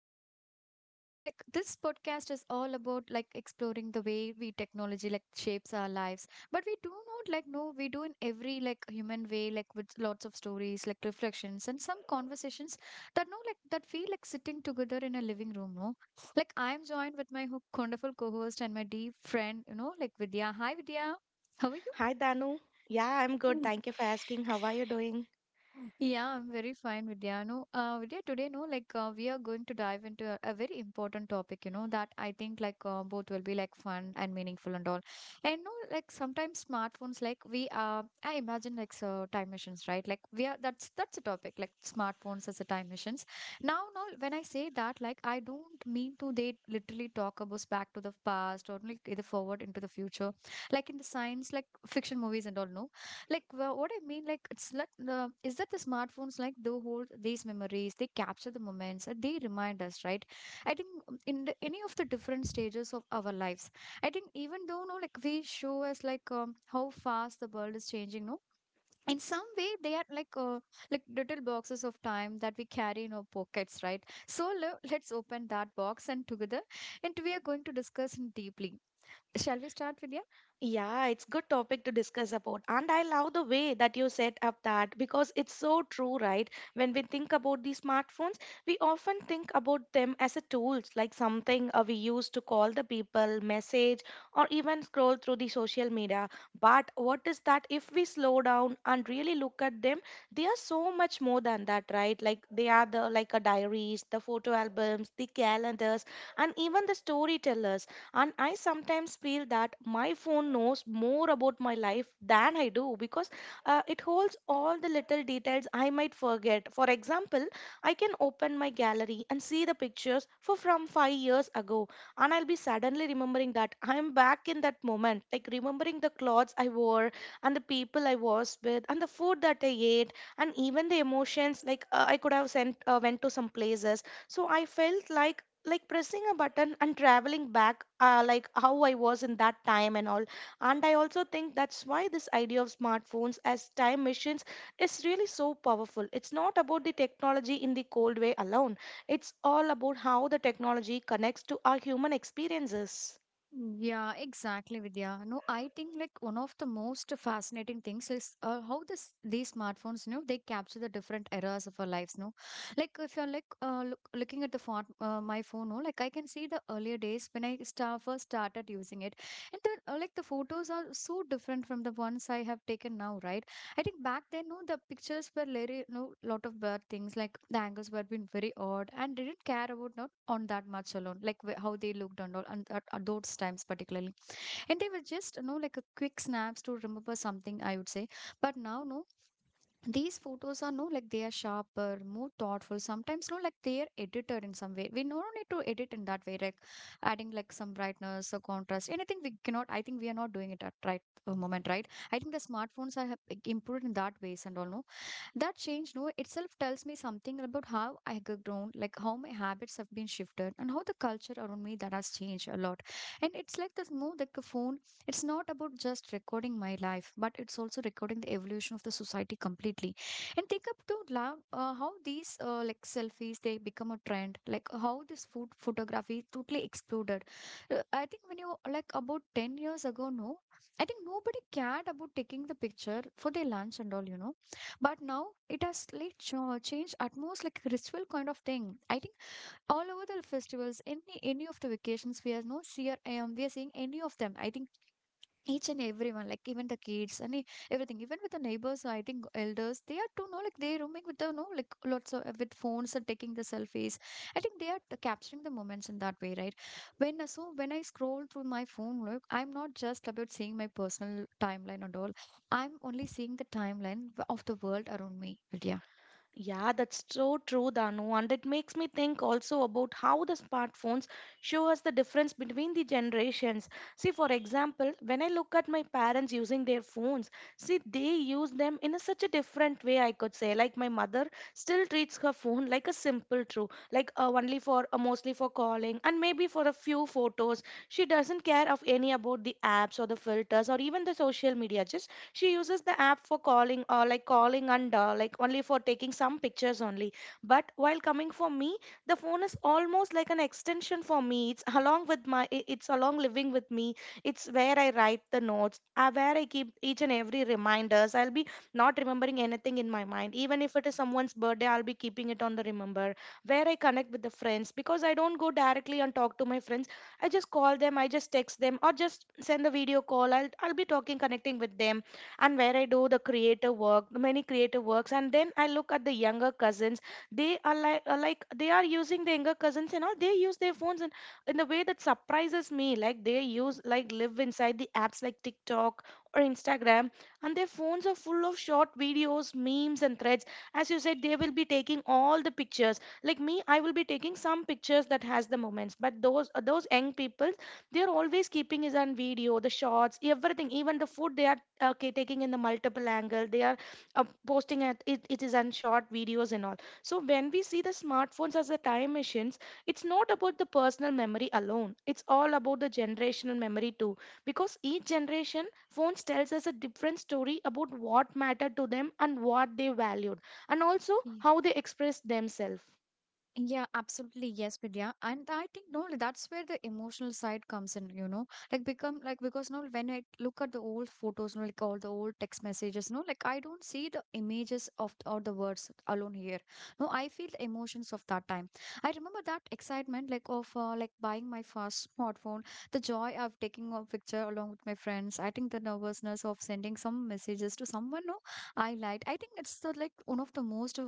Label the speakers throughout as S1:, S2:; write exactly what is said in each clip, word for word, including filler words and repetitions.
S1: you are here with us. You know, like this podcast is all about like exploring the way we technology like shapes our lives. But we do not like know we do in every like human way, like with lots of stories, like reflections and some conversations that no like that feel like sitting together in a living room, no? Like I'm joined with my ho- wonderful co-host and my dear friend, you know, like Vidya. Hi Vidya. How are you?
S2: Hi, Danu. Yeah, I'm good. Thank you for asking.
S1: Mm.
S2: How are you doing?
S1: Yeah, I'm very fine, Vidya. No, uh, Vidya, today, no, like uh, we are going to dive into a, a very important topic, you know, that I think like uh, both will be like fun and meaningful and all. And no, like sometimes smartphones, like we uh, I imagine like so time machines, right? Like we are that's that's a topic, like smartphones as a time machines. Now, no, when I say that, like I don't mean to they literally talk about back to the past or like either forward into the future, like in the science, like fiction movies and all. No, like wha- what I mean like it's like the is that the smartphones like they hold these memories, they capture the moments, and they remind us, right? I think um, in the, any of the different stages of our lives, I think even though no like we show us like um, how fast the world is changing, no, in some way they are like uh, like little boxes of time that we carry in our pockets, right? So le- let's open that box and together, and we are going to discuss in deeply. Shall we start, Vidya?
S2: Yeah, it's good topic to discuss about. And I love the way that you set up that, because it's so true, right? When we think about these smartphones, we often think about them as a tools, like something uh, we use to call the people, message, or even scroll through the social media. But what is that if we slow down and really look at them, they are so much more than that, right? Like they are the like a diaries, the photo albums, the calendars, and even the storytellers. And I sometimes feel that my phone knows more about my life than I do, because uh, it holds all the little details I might forget. For example, I can open my gallery and see the pictures for from five years ago, and I'll be suddenly remembering that I'm back in that moment, like remembering the clothes I wore and the people I was with and the food that I ate and even the emotions. Like uh, I could have sent uh, went to some places, so I felt like like pressing a button and traveling back, uh, like how I was in that time and all. And I also think that's why this idea of smartphones as time machines is really so powerful. It's not about the technology in the cold way alone, it's all about how the technology connects to our human experiences.
S1: Yeah, exactly, Vidya. No, I think like one of the most fascinating things is uh, how this these smartphones, you know, they capture the different eras of our lives. No, like if you're like uh, look, looking at the phone, uh, my phone, no, like I can see the earlier days when I star first started using it, and the uh, like the photos are so different from the ones I have taken now, right? I think back then, no, the pictures were very, no, lot of bad things. Like the angles were been very odd and didn't care about not on that much alone. Like wh- how they looked and all, and at, at those times particularly. And they were just, you know, like a quick snaps to remember something, I would say, but now, no, these photos are no like they are sharper, more thoughtful. Sometimes no like they are edited in some way, we no need to edit in that way, like adding like some brightness or contrast anything we cannot. I think we are not doing it at right uh, moment, right? I think the smartphones are have improved in that ways and all, no. That change, no, itself tells me something about how I have grown, like how my habits have been shifted, and how the culture around me that has changed a lot. And it's like this move, like a phone. It's not about just recording my life, but it's also recording the evolution of the society completely. And think up to love uh, how these uh, like selfies they become a trend, like how this food photography totally exploded. Uh, I think when you like about ten years ago, no, I think nobody cared about taking the picture for their lunch and all, you know But now it has like cho- changed almost like a ritual kind of thing, I think. All over the festivals, any any of the vacations, we are no see are, um, we are seeing any of them. I think each and everyone like even the kids and e- everything, even with the neighbors, I think elders they are too. No, like they roaming with the no like lots of with phones and taking the selfies. I think they are t- capturing the moments in that way, right? When uh, so when I scroll through my phone, look, I'm not just about seeing my personal timeline and all, I'm only seeing the timeline w- of the world around me. But yeah.
S2: Yeah, that's so true, Danu. And it makes me think also about how the smartphones show us the difference between the generations. See, for example, when I look at my parents using their phones, see, they use them in a, such a different way, I could say. Like my mother still treats her phone like a simple tool, like uh, only for uh, mostly for calling and maybe for a few photos. She doesn't care of any about the apps or the filters or even the social media. Just she uses the app for calling, or like calling and uh, like only for taking some pictures only. But while coming for me, the phone is almost like an extension for me. It's along with my i- it's along living with me. It's where I write the notes, uh, where I keep each and every reminders. I'll be not remembering anything in my mind. Even if it is someone's birthday, I'll be keeping it on the remember. Where I connect with the friends, because I don't go directly and talk to my friends. I just call them, I just text them, or just send a video call. I'll, I'll be talking, connecting with them. And where I do the creative work, many creative works. And then I look at the younger cousins. They are like, are like they are using the younger cousins and all. They use their phones in, in a way that surprises me. Like they use like live inside the apps like TikTok or Instagram, and their phones are full of short videos, memes, and threads. As you said, they will be taking all the pictures. Like me, I will be taking some pictures that has the moments. But those uh, those young people, they are always keeping is on video, the shots, everything, even the food they are okay taking in the multiple angle. They are uh, posting at it, it is on short videos and all. So when we see the smartphones as a time machines, it's not about the personal memory alone, it's all about the generational memory too. Because each generation phones tells us a different story about what mattered to them and what they valued, and also how they expressed themselves.
S1: Yeah, absolutely. Yes, Vidya. And I think no, that's where the emotional side comes in, you know, like become like because now when I look at the old photos, no, like all the old text messages, no, like I don't see the images of or the words alone here. No, I feel the emotions of that time. I remember that excitement, like of uh, like buying my first smartphone, the joy of taking a picture along with my friends. I think the nervousness of sending some messages to someone, no, I liked. I think it's the like one of the most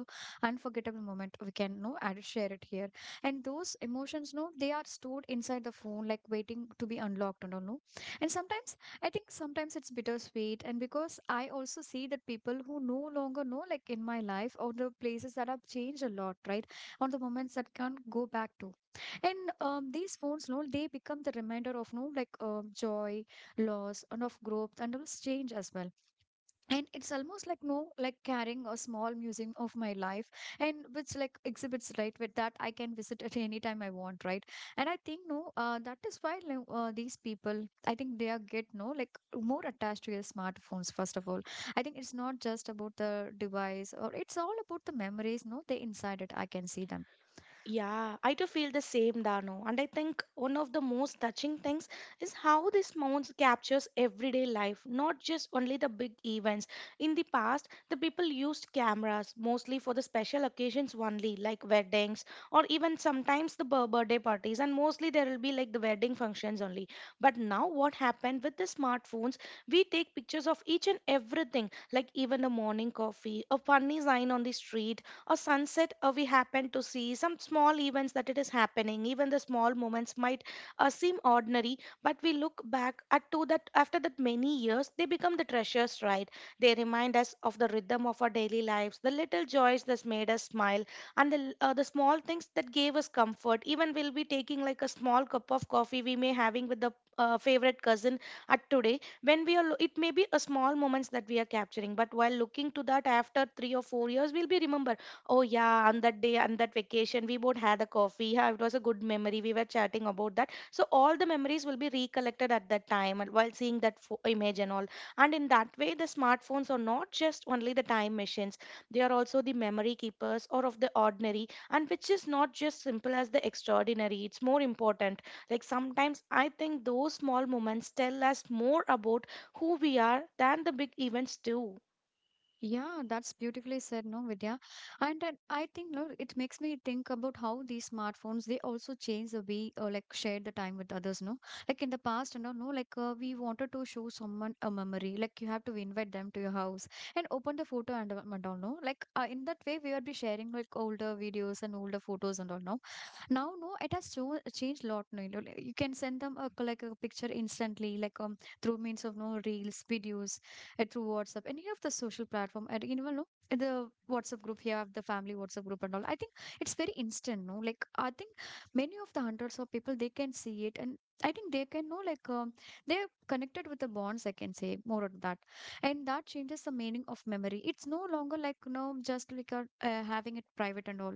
S1: unforgettable moment we can no add it, share it here, and those emotions, no, they are stored inside the phone like waiting to be unlocked and all, no. And sometimes I think sometimes it's bittersweet, and because I also see that people who no longer know like in my life or the places that have changed a lot, right? On the moments that can't go back to, and um, these phones, no, they become the reminder of no like um joy, loss, and of growth, and of change as well. And it's almost like no like carrying a small museum of my life, and which like exhibits, right, with that I can visit at any time I want, right? And I think no uh, that is why like, uh, these people I think they are get no like more attached to your smartphones first of all. I think it's not just about the device, or it's all about the memories, no, they inside it, I can see them.
S2: Yeah, I too feel the same, Dano. And I think one of the most touching things is how this mounts captures everyday life, not just only the big events. In the past, the people used cameras mostly for the special occasions only, like weddings or even sometimes the bir- birthday parties, and mostly there will be like the wedding functions only. But now, what happened with the smartphones? We take pictures of each and everything, like even a morning coffee, a funny sign on the street, or sunset. Uh, we happen to see some small events that it is happening. Even the small moments might uh, seem ordinary, but we look back at to that after that many years, they become the treasures, right? They remind us of the rhythm of our daily lives, the little joys that made us smile, and the, uh, the small things that gave us comfort. Even we'll be taking like a small cup of coffee we may having with the uh, favorite cousin at today. When we are lo- it may be a small moments that we are capturing, but while looking to that after three or four years we'll be remember, oh yeah, on that day, on that vacation, we both had a coffee. Yeah, it was a good memory. We were chatting about that. So all the memories will be recollected at that time and while seeing that fo- image and all. And in that way, the smartphones are not just only the time machines. They are also the memory keepers or of the ordinary, and which is not just simple as the extraordinary. It's more important. Like sometimes I think those small moments tell us more about who we are than the big events do.
S1: Yeah, that's beautifully said, no, Vidya. And then I think no, it makes me think about how these smartphones they also change the way uh, like share the time with others, no. Like in the past, you know, no, like uh, we wanted to show someone a memory, like you have to invite them to your house and open the photo and, uh, and all, no. Like uh, in that way, we would be sharing like older videos and older photos and all, no. Now no it has cho- changed a lot, no, you know like, you can send them a, c- like a picture instantly, like um through means of no reels, videos, uh, through WhatsApp, any of the social platform, and even no in the WhatsApp group, here have the family WhatsApp group and all. I think it's very instant, no, like I think many of the hundreds of people they can see it, and I think they can know like um, they're connected with the bonds, I can say more on that. And that changes the meaning of memory. It's no longer like, you know, just like a, uh, having it private and all,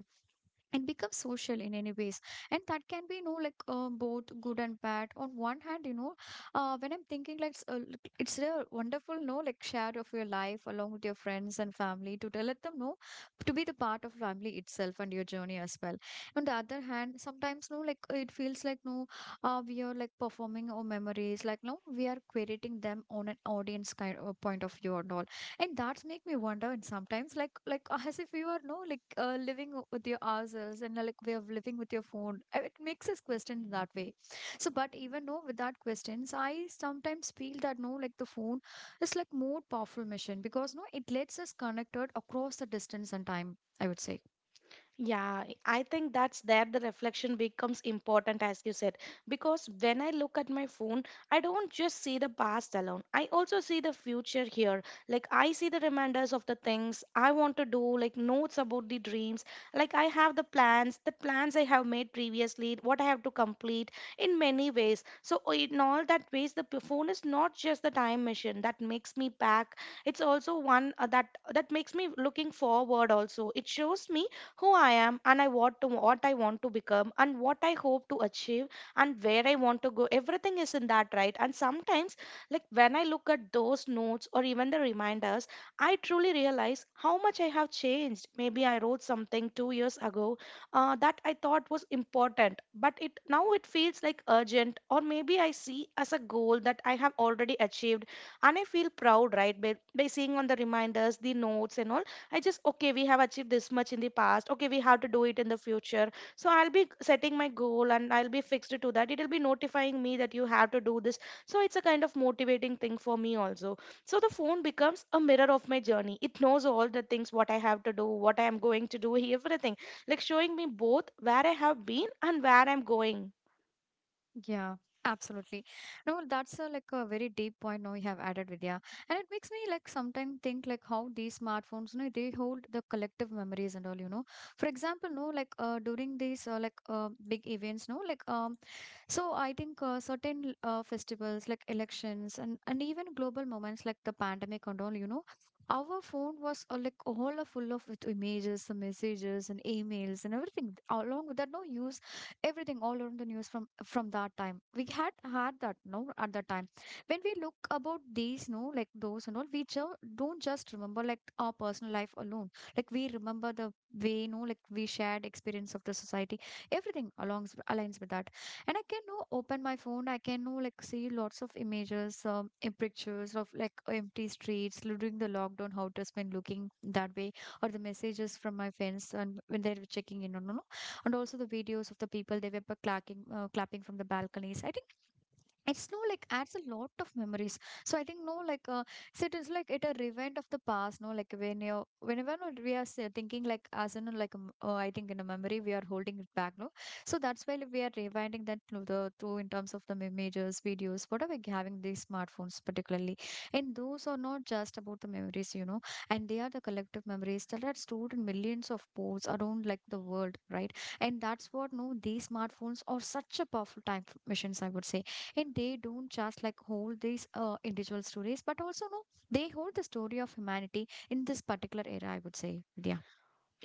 S1: and become social in any ways. And that can be, you know, like uh, both good and bad. On one hand, you know, uh, when I'm thinking like s- uh, look, it's a wonderful no like share of your life along with your friends and family, to tell- let them know, to be the part of family itself and your journey as well. On the other hand, sometimes no like uh, it feels like no uh, we are like performing our memories, like no we are creating them on an audience kind of point of view and all. And that's make me wonder, and sometimes like like uh, as if we are no like uh, living o- with your ourselves and uh, like we are living with your phone. Uh, it makes us question that way. So but even though with that questions, I sometimes feel that no like the phone is like more powerful machine because no it lets us connected across the distance and time, I would say.
S2: Yeah, I think that's there the reflection becomes important, as you said, because when I look at my phone, I don't just see the past alone. I also see the future here. Like, I see the reminders of the things I want to do, like notes about the dreams. Like, I have the plans, the plans I have made previously, what I have to complete in many ways. So, o- in all that ways, the p- phone is not just the time machine that makes me back. It's also one uh, that that makes me looking forward also. It shows me who I am and I what to what I want to become and what I hope to achieve and where I want to go. Everything is in that, right? And sometimes, like when I look at those notes or even the reminders, I truly realize how much I have changed. Maybe I wrote something two years ago uh, that I thought was important, but it now it feels like urgent, or maybe I see as a goal that I have already achieved, and I feel proud, right, by, by seeing on the reminders, the notes, and all. I just okay, we have achieved this much in the past, okay we have to do it in the future. So I'll be setting my goal and I'll be fixed to that. It'll be notifying me that you have to do this. So it's a kind of motivating thing for me also. So the phone becomes a mirror of my journey. It knows all the things what I have to do, what I am going to do, everything, like showing me both where I have been and where I'm going.
S1: Yeah, absolutely. No, that's a, like a very deep point now you have added, Vidya. And it makes me like sometimes think like how these smartphones, you know, they hold the collective memories and all, you know. For example, no, like uh, during these uh, like uh, big events, no, like um, so I think uh, certain uh, festivals like elections, and, and even global moments like the pandemic and all, you know, our phone was uh, like all are full of with images, the messages and emails and everything. Along with that, no news, everything all around the news from from that time. We had had that no at that time. When we look about these, no like those and all, we ju- don't just remember like our personal life alone. Like we remember the way, no like we shared experience of the society. Everything alongs aligns with that, and I can know open my phone. I can know like see lots of images, um, and pictures of like empty streets during the lockdown, how it has been looking that way, or the messages from my friends, and when they were checking in on, no, no. And also the videos of the people, they were uh, clacking, uh, clapping from the balconies, I think. It's no like adds a lot of memories. So I think no like uh, so it is like it a rewind of the past, no like when you whenever no, we are say- thinking, like as in like um, uh, I think in a memory we are holding it back, no. So that's why, like, we are rewinding that through the through in terms of the images, videos, whatever we having these smartphones particularly. And those are not just about the memories, you know, and they are the collective memories that are stored in millions of posts around like the world, right? And that's what, no, these smartphones are such a powerful time f- machines, I would say. And they don't just like hold these uh, individual stories, but also no, they hold the story of humanity in this particular era, I would say. Yeah.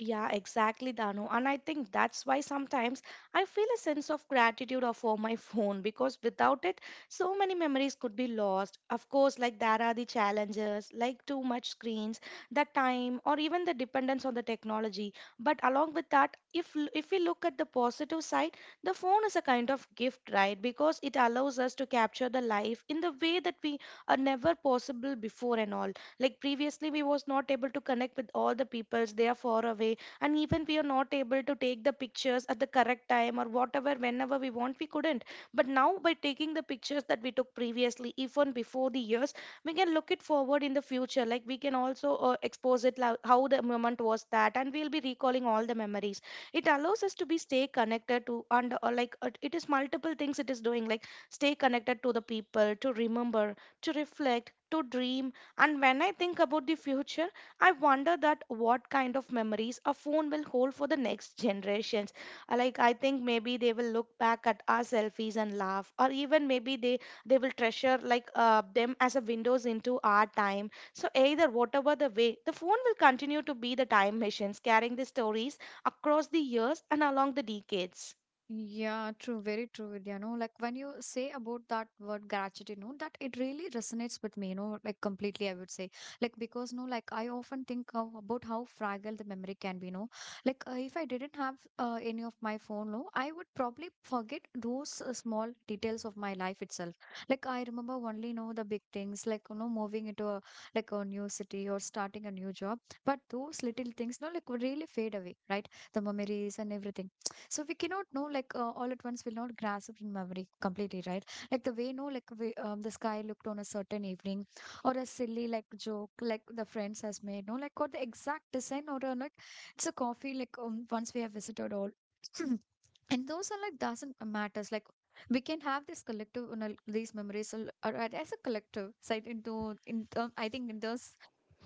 S2: Yeah, exactly, Dano. And I think that's why sometimes I feel a sense of gratitude of for my phone, because without it, so many memories could be lost. Of course, like there are the challenges, like too much screens, the time, or even the dependence on the technology. But along with that, if l- if we look at the positive side, the phone is a kind of gift, right? Because it allows us to capture the life in the way that we are never possible before and all. Like previously we was not able to connect with all the peoples they are far away, and even we are not able to take the pictures at the correct time, or whatever whenever we want we couldn't. But now, by taking the pictures that we took previously even before the years, we can look it forward in the future. Like we can also uh, expose it lo- how the moment was that, and we'll be recalling all the memories. It allows us to be stay connected to, and uh, like uh, it is multiple things it is doing, like stay connected to the people, to remember, to reflect, to dream. And when I think about the future, I wonder that what kind of memories a phone will hold for the next generations. Uh, Like I think maybe they will look back at our selfies and laugh, or even maybe they they will treasure like uh, them as a windows into our time. So either whatever the way, the phone will continue to be the time machines, carrying the stories across the years and along the decades.
S1: Yeah, true, very true, Vidya. No, like when you say about that word gratitude, no, that it really resonates with me, you know, like completely, I would say. Like because, no, like I often think of, about how fragile the memory can be, no. Like, uh, if I didn't have uh, any of my phone, no, I would probably forget those uh, small details of my life itself. Like, I remember only, know, the big things, like, you know, moving into a, like a new city or starting a new job. But those little things, no, like, would really fade away, right? The memories and everything. So we cannot know like uh, all at once we'll not grasp in memory completely, right? Like the way no like we, um, the sky looked on a certain evening, or a silly like joke like the friends has made, no like, or the exact design or uh, like it's a coffee like um, once we have visited all. And those are like doesn't matters. Like we can have this collective, you know, these memories al- ar- ar- as a collective side into in term, I think, in those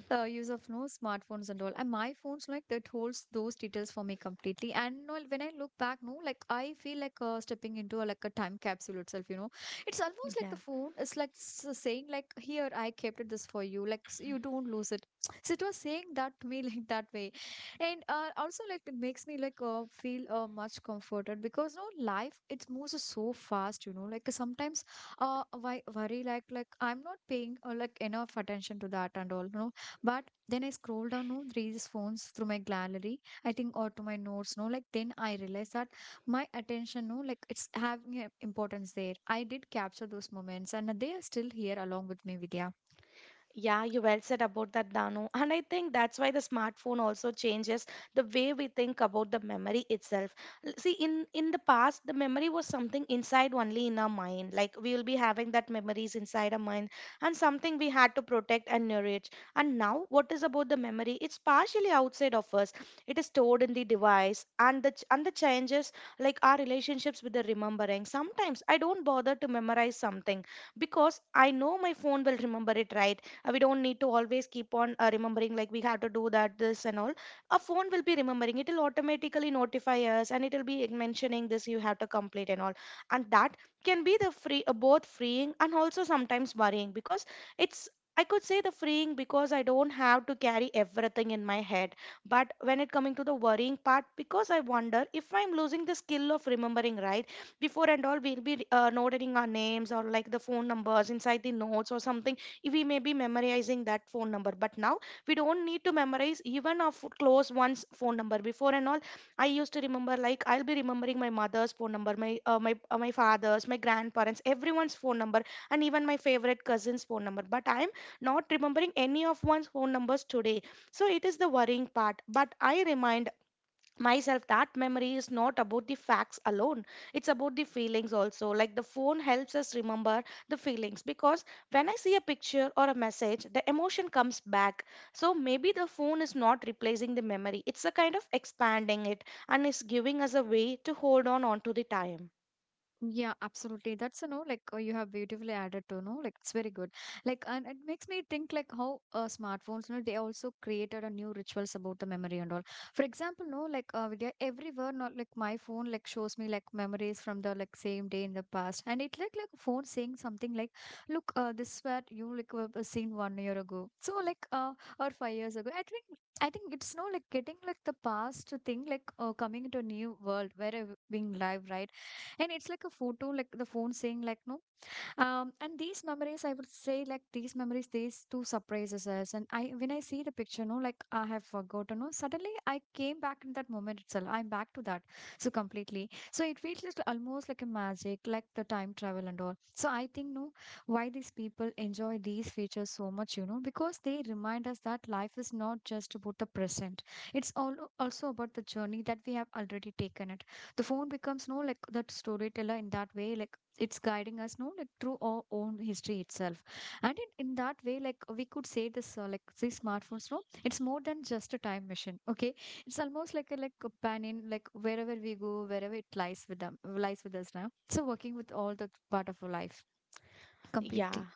S1: the use of no smartphones and all, and my phones like that holds those details for me completely. And no, when I look back, no, like I feel like uh, stepping into a, like a time capsule itself, you know. It's almost like
S2: Yeah.
S1: the phone is like s- saying like, "Here, I kept it this for you, like, s- you don't lose it." So it was saying that to me like that way. And uh, also like it makes me like uh, feel uh, much comforted because no life it moves so fast, you know, like sometimes uh why worry like like I'm not paying uh, like enough attention to that and all, you know. But then I scroll down, no, these phones through my gallery, I think, or to my notes, no, like then I realize that my attention, no, like it's having a importance there. I did capture those moments and they are still here along with me, Vidya.
S2: Yeah, you well said about that, Danu. And I think that's why the smartphone also changes the way we think about the memory itself. L- See, in in the past, the memory was something inside only in our mind. Like we will be having that memories inside our mind and something we had to protect and nourish. And now, what is about the memory? It's partially outside of us. It is stored in the device and the ch- and the changes like our relationships with the remembering. Sometimes I don't bother to memorize something because I know my phone will remember it right uh, we don't need to always keep on uh, remembering like we have to do that, this, and all. A phone will be remembering. It will automatically notify us, and it will be mentioning this you have to complete and all. And that can be the free, uh, both freeing and also sometimes worrying because it's. I could say the freeing because I don't have to carry everything in my head. But when it coming to the worrying part, because I wonder if I'm losing the skill of remembering, right? Before and all, we'll be uh, noting our names or like the phone numbers inside the notes or something we may be memorizing that phone number, but now we don't need to memorize even of close one's phone number before and all. I used to remember, like I'll be remembering my mother's phone number, my uh, my uh, my father's, my grandparents, everyone's phone number, and even my favorite cousin's phone number, but I'm not remembering any of one's phone numbers today. So it is the worrying part, but I remind myself that memory is not about the facts alone. It's about the feelings also. Like the phone helps us remember the feelings, because when I see a picture or a message, the emotion comes back. So maybe the phone is not replacing the memory, it's a kind of expanding it, and is giving us a way to hold on onto the time.
S1: Yeah, absolutely. That's, you know, like uh, you have beautifully added to know, like it's very good. Like, and it makes me think like how uh, smartphones, you know, they also created a new rituals about the memory and all. For example, no, like uh, Vidya, everywhere, not like my phone, like shows me like memories from the like same day in the past, and it like like phone saying something like, "Look, uh, this where you like were were seen one year ago." So like uh or five years ago, I think. I think it's no like getting like the past thing, like uh, coming into a new world where uh, being live, right? And it's like a photo, like the phone saying, like, no, um, and these memories, I would say, like these memories, these two surprises us. And I, when I see the picture, no, like I have forgotten, no, suddenly I came back in that moment itself. I'm back to that so completely. So it feels like almost like a magic, like the time travel and all. So I think, no, why these people enjoy these features so much, you know, because they remind us that life is not just about the present. It's all also about the journey that we have already taken it. The phone becomes, no, like that storyteller in that way, like it's guiding us, no, like through our own history itself. And in, in that way like we could say this uh, like these smartphones, no, it's more than just a time machine, okay? It's almost like a like companion, like wherever we go, wherever it lies with them, lies with us now, so working with all the part of our life completely.
S2: Yeah.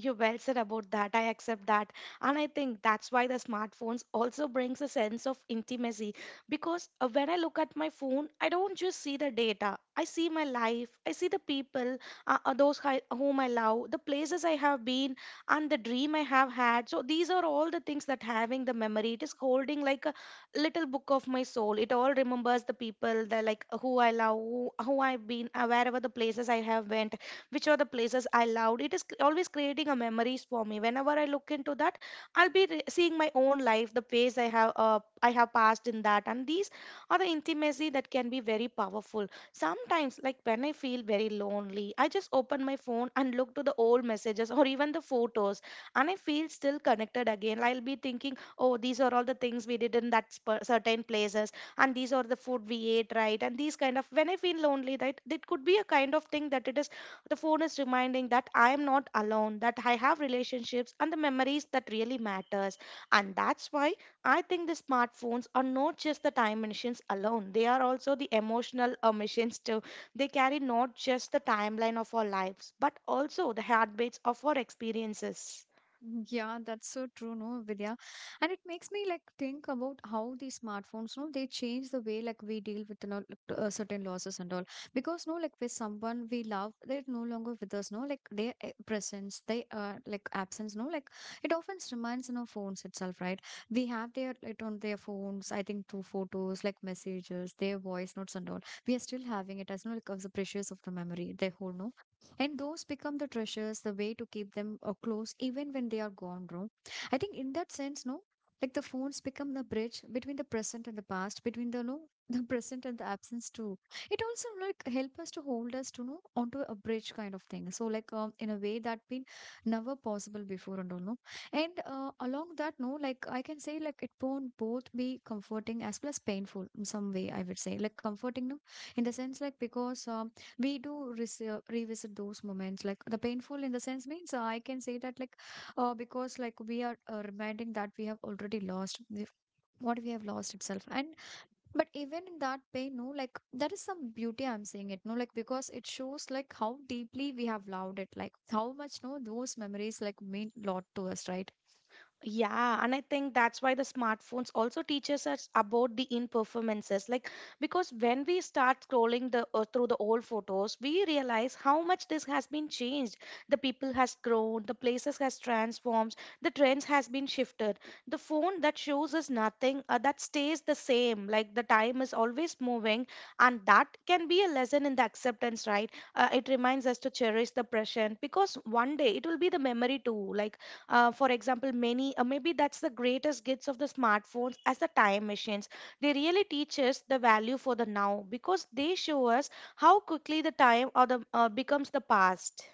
S2: You well said about that. I accept that. And I think that's why the smartphones also brings a sense of intimacy because uh, when I look at my phone, I don't just see the data. I see my life, I see the people, uh, uh, those hi- whom I love, the places I have been and the dream I have had. So these are all the things that having the memory. It is holding like a little book of my soul. It all remembers the people, the like who I love, who, who I've been, uh, wherever the places I have went, which are the places I loved. It is c- always creating a memories for me. Whenever I look into that, I'll be re- seeing my own life, the phase I have uh, I have passed in that, and these are the intimacy that can be very powerful. Sometimes, like when I feel very lonely, I just open my phone and look to the old messages or even the photos, and I feel still connected again. I'll be thinking, oh, these are all the things we did in that sp- certain places, and these are the food we ate, right? And these kind of when I feel lonely, right, it could be a kind of thing that it is the phone is reminding that I am not alone, that I have relationships and the memories that really matters. And that's why I think the smartphones are not just the time machines alone. They are also the emotional uh, machines too. They carry not just the timeline of our lives, but also the heartbeats of our experiences.
S1: Yeah, that's so true, no, Vidya. And it makes me like think about how these smartphones, no, they change the way like we deal with, you know, like uh, certain losses and all. Because no, like with someone we love, they're no longer with us, no, like their eh, presence, they uh, like absence, no, like it often reminds in our phones itself, right? We have their it on their phones, I think, through photos, like messages, their voice notes and all. We are still having it as no like as the precious of the memory they hold, no, and those become the treasures, the way to keep them uh, close even when they are gone wrong, I think, in that sense no. Like the phones become the bridge between the present and the past, between the no the present and the absence too. It also like help us to hold us to know onto a bridge kind of thing, so like um, in a way that been never possible before and all, no. And uh, along that, no, like I can say, like it won't both be comforting as well as painful in some way, I would say, like comforting, no, in the sense like because um, we do rese- revisit those moments, like the painful in the sense means, uh, I can say that, like uh, because like we are uh, reminding that we have already lost the- what we have lost itself. And but even in that pain, no, like there is some beauty, I'm saying it, no, like because it shows like how deeply we have loved it, like how much, no, those memories like mean lot to us, right?
S2: Yeah, and I think that's why the smartphones also teaches us about the in performances. Like because when we start scrolling the uh, through the old photos, we realize how much this has been changed. The people has grown, the places has transformed, the trends has been shifted. The phone that shows us nothing, uh, that stays the same. Like the time is always moving, and that can be a lesson in the acceptance, right? Uh, it reminds us to cherish the present because one day it will be the memory too. Like uh, for example many uh, maybe that's the greatest gifts of the smartphones as the time machines. They really teach us the value for the now because they show us how quickly the time or the uh, becomes the past.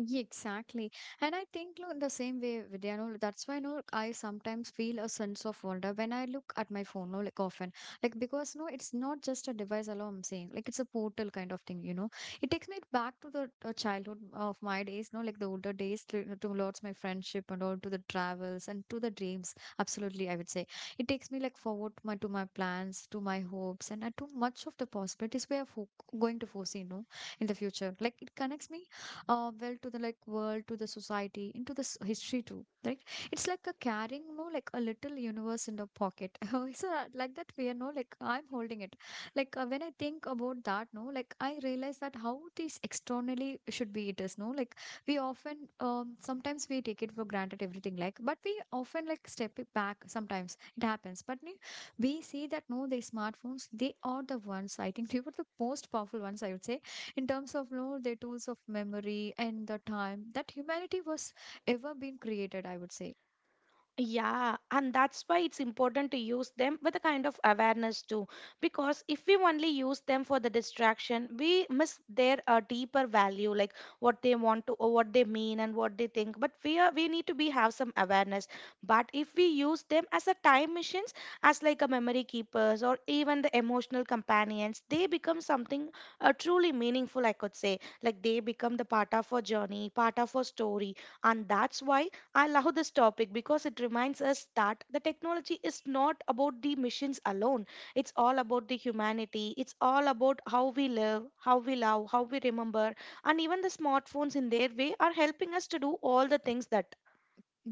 S1: Yeah, exactly. And I think no, in the same way, Vidya, no, that's why no, I sometimes feel a sense of wonder when I look at my phone, no, like often. Like because no, it's not just a device alone, I'm saying. Like it's a portal kind of thing, you know. It takes me back to the uh, childhood of my days, no, like the older days to, towards my friendship and all, to the travels and to the dreams. Absolutely, I would say. It takes me like forward my to my plans, to my hopes, and uh, to much of the possibilities we are fo going to foresee, no, in the future. Like it connects me uh, well to the like world, to the society, into this history too, right? It's like a carrying, no, like a little universe in the pocket it's a, like that we are, no, like I'm holding it. Like uh, when I think about that, no, like I realize that how this externally should be it is no like we often um, sometimes we take it for granted everything like, but we often like step it back, sometimes it happens but ne- we see that, no, the smartphones, they are the ones, I think, they were the most powerful ones, I would say, in terms of, you know, the tools of memory and the time that humanity was ever been created, I would say.
S2: Yeah, and that's why it's important to use them with a kind of awareness too. Because if we only use them for the distraction, we miss their uh, deeper value, like what they want to, or what they mean, and what they think. But we are, we need to be have some awareness. But if we use them as a time machines, as like a memory keepers or even the emotional companions, they become something uh, truly meaningful. I could say, like they become the part of our journey, part of our story, and that's why I love this topic because it reminds us that the technology is not about the machines alone. It's all about the humanity. It's all about how we live, how we love, how we remember. And even the smartphones, in their way, are helping us to do all the things that.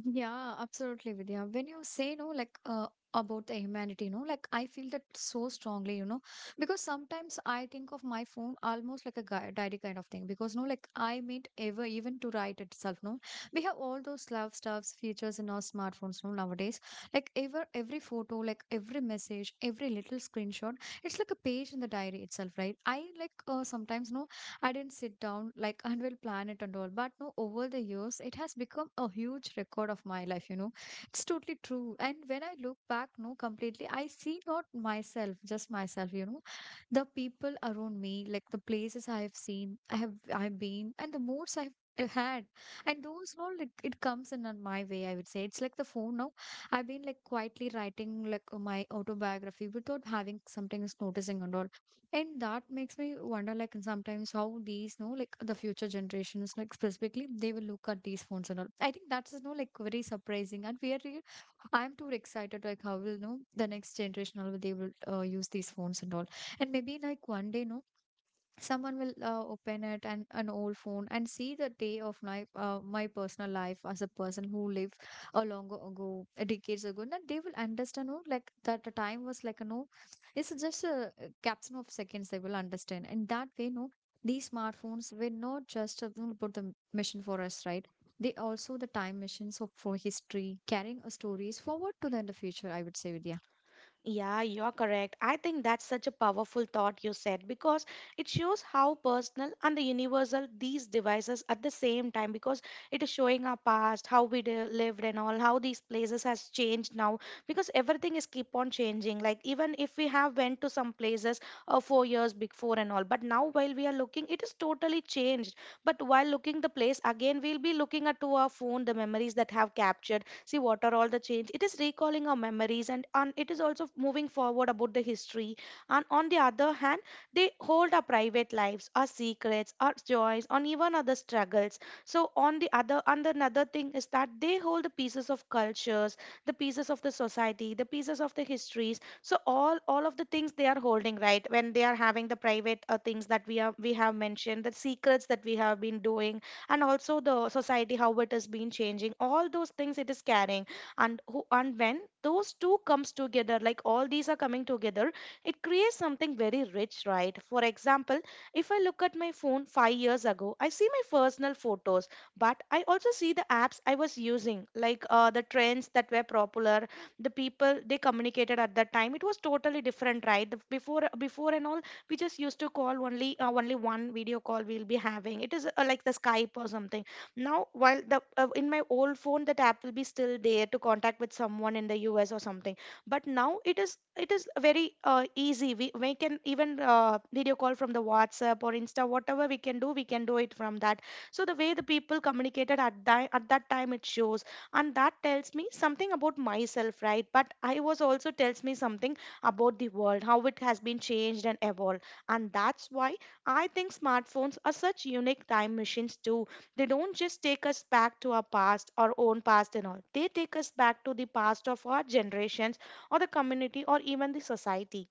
S1: Yeah, absolutely, Vidya. When you say, no, like uh, about the humanity, no, like I feel that so strongly, you know, because sometimes I think of my phone almost like a gui- diary kind of thing. Because no, like I meant ever even to write itself, no, we have all those love stuffs features in our smartphones, no, nowadays. Like ever every photo, like every message, every little screenshot, it's like a page in the diary itself, right? I like uh, sometimes no I didn't sit down, like unveil planet and all. But no, over the years, it has become a huge record of my life, you know. It's totally true. And when I look back, no, completely, I see not myself, just myself, you know, the people around me, like the places I have seen, I have I've been, and the moods I've had and those all like it comes in on my way, I would say it's like the phone now. I've been like quietly writing like my autobiography without having something is noticing and all. And that makes me wonder, like, sometimes how these, no, like, the future generations, like, specifically, they will look at these phones and all. I think that's, no, like, very surprising. And we are, real- I'm too excited, like, how will, no, the next generation, how will they will uh, use these phones and all. And maybe, like, one day, no, someone will uh, open it and an old phone and see the day of my uh, my personal life as a person who lived a long ago a decades ago. And then they will understand, oh, like that the time was like, no, it's just a uh, caption of seconds, they will understand. And that way, no, these smartphones were not just uh, you know, about the mission for us, right? They also the time machines of, for history, carrying uh, stories forward to the, in the future, I would say, Vidya.
S2: Yeah, you are correct. I think that's such a powerful thought you said because it shows how personal and the universal these devices at the same time because it is showing our past, how we de- lived and all, how these places has changed now because everything is keep on changing. Like even if we have went to some places uh, four years before and all, but now while we are looking, it is totally changed. But while looking the place again, we'll be looking at to our phone the memories that have captured. See what are all the change. It is recalling our memories, and, and it is also moving forward about the history. And on the other hand, they hold our private lives, our secrets, our joys, and even other struggles. So on the other and another thing is that they hold the pieces of cultures, the pieces of the society, the pieces of the histories, so all all of the things they are holding, right? When they are having the private uh, things that we are we have mentioned, the secrets that we have been doing, and also the society how it has been changing, all those things it is carrying. And who and when those two comes together, like all these are coming together, it creates something very rich, right? For example, if I look at my phone five years ago, I see my personal photos, but I also see the apps I was using, like uh, the trends that were popular, the people they communicated at that time. It was totally different, right? The- before before and all, we just used to call only uh, only one video call we'll be having. It is uh, like the Skype or something. Now while the uh, in my old phone that app will be still there to contact with someone in the US or something, but now it is, it is very uh, easy. We, we can even uh, video call from the WhatsApp or Insta, whatever we can do, we can do it from that. So the way the people communicated at that at that time it shows, and that tells me something about myself, right? But I was also tells me something about the world, how it has been changed and evolved. And that's why I think smartphones are such unique time machines too. They don't just take us back to our past, our own past and all. They take us back to the past of our generations, or the community, or even the society.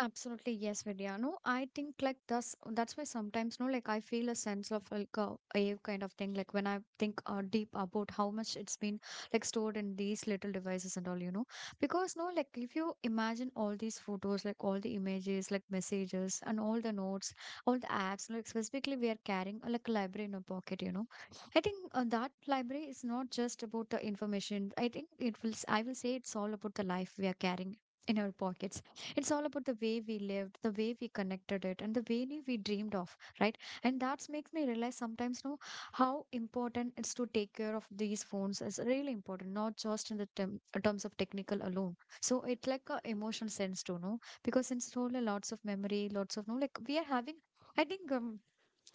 S1: Absolutely, yes, Vidya. No, I think like that's that's why sometimes, no, like I feel a sense of like a awe kind of thing. Like when I think uh, deep about how much it's been like stored in these little devices and all, you know, because no, like if you imagine all these photos, like all the images, like messages, and all the notes, all the apps, like specifically we are carrying uh, like a library in our pocket, you know. I think uh, that library is not just about the information. I think it will. s- I will say it's all about the life we are carrying in our pockets. It's all about the way we lived, the way we connected it, and the way we we dreamed of, right? And that makes me realize sometimes, no, how important it's to take care of these phones is really important, not just in the term, uh, terms of technical alone. So it like a emotional sense too, no? Because it's only lots of memory, lots of, no, like we are having. I think um,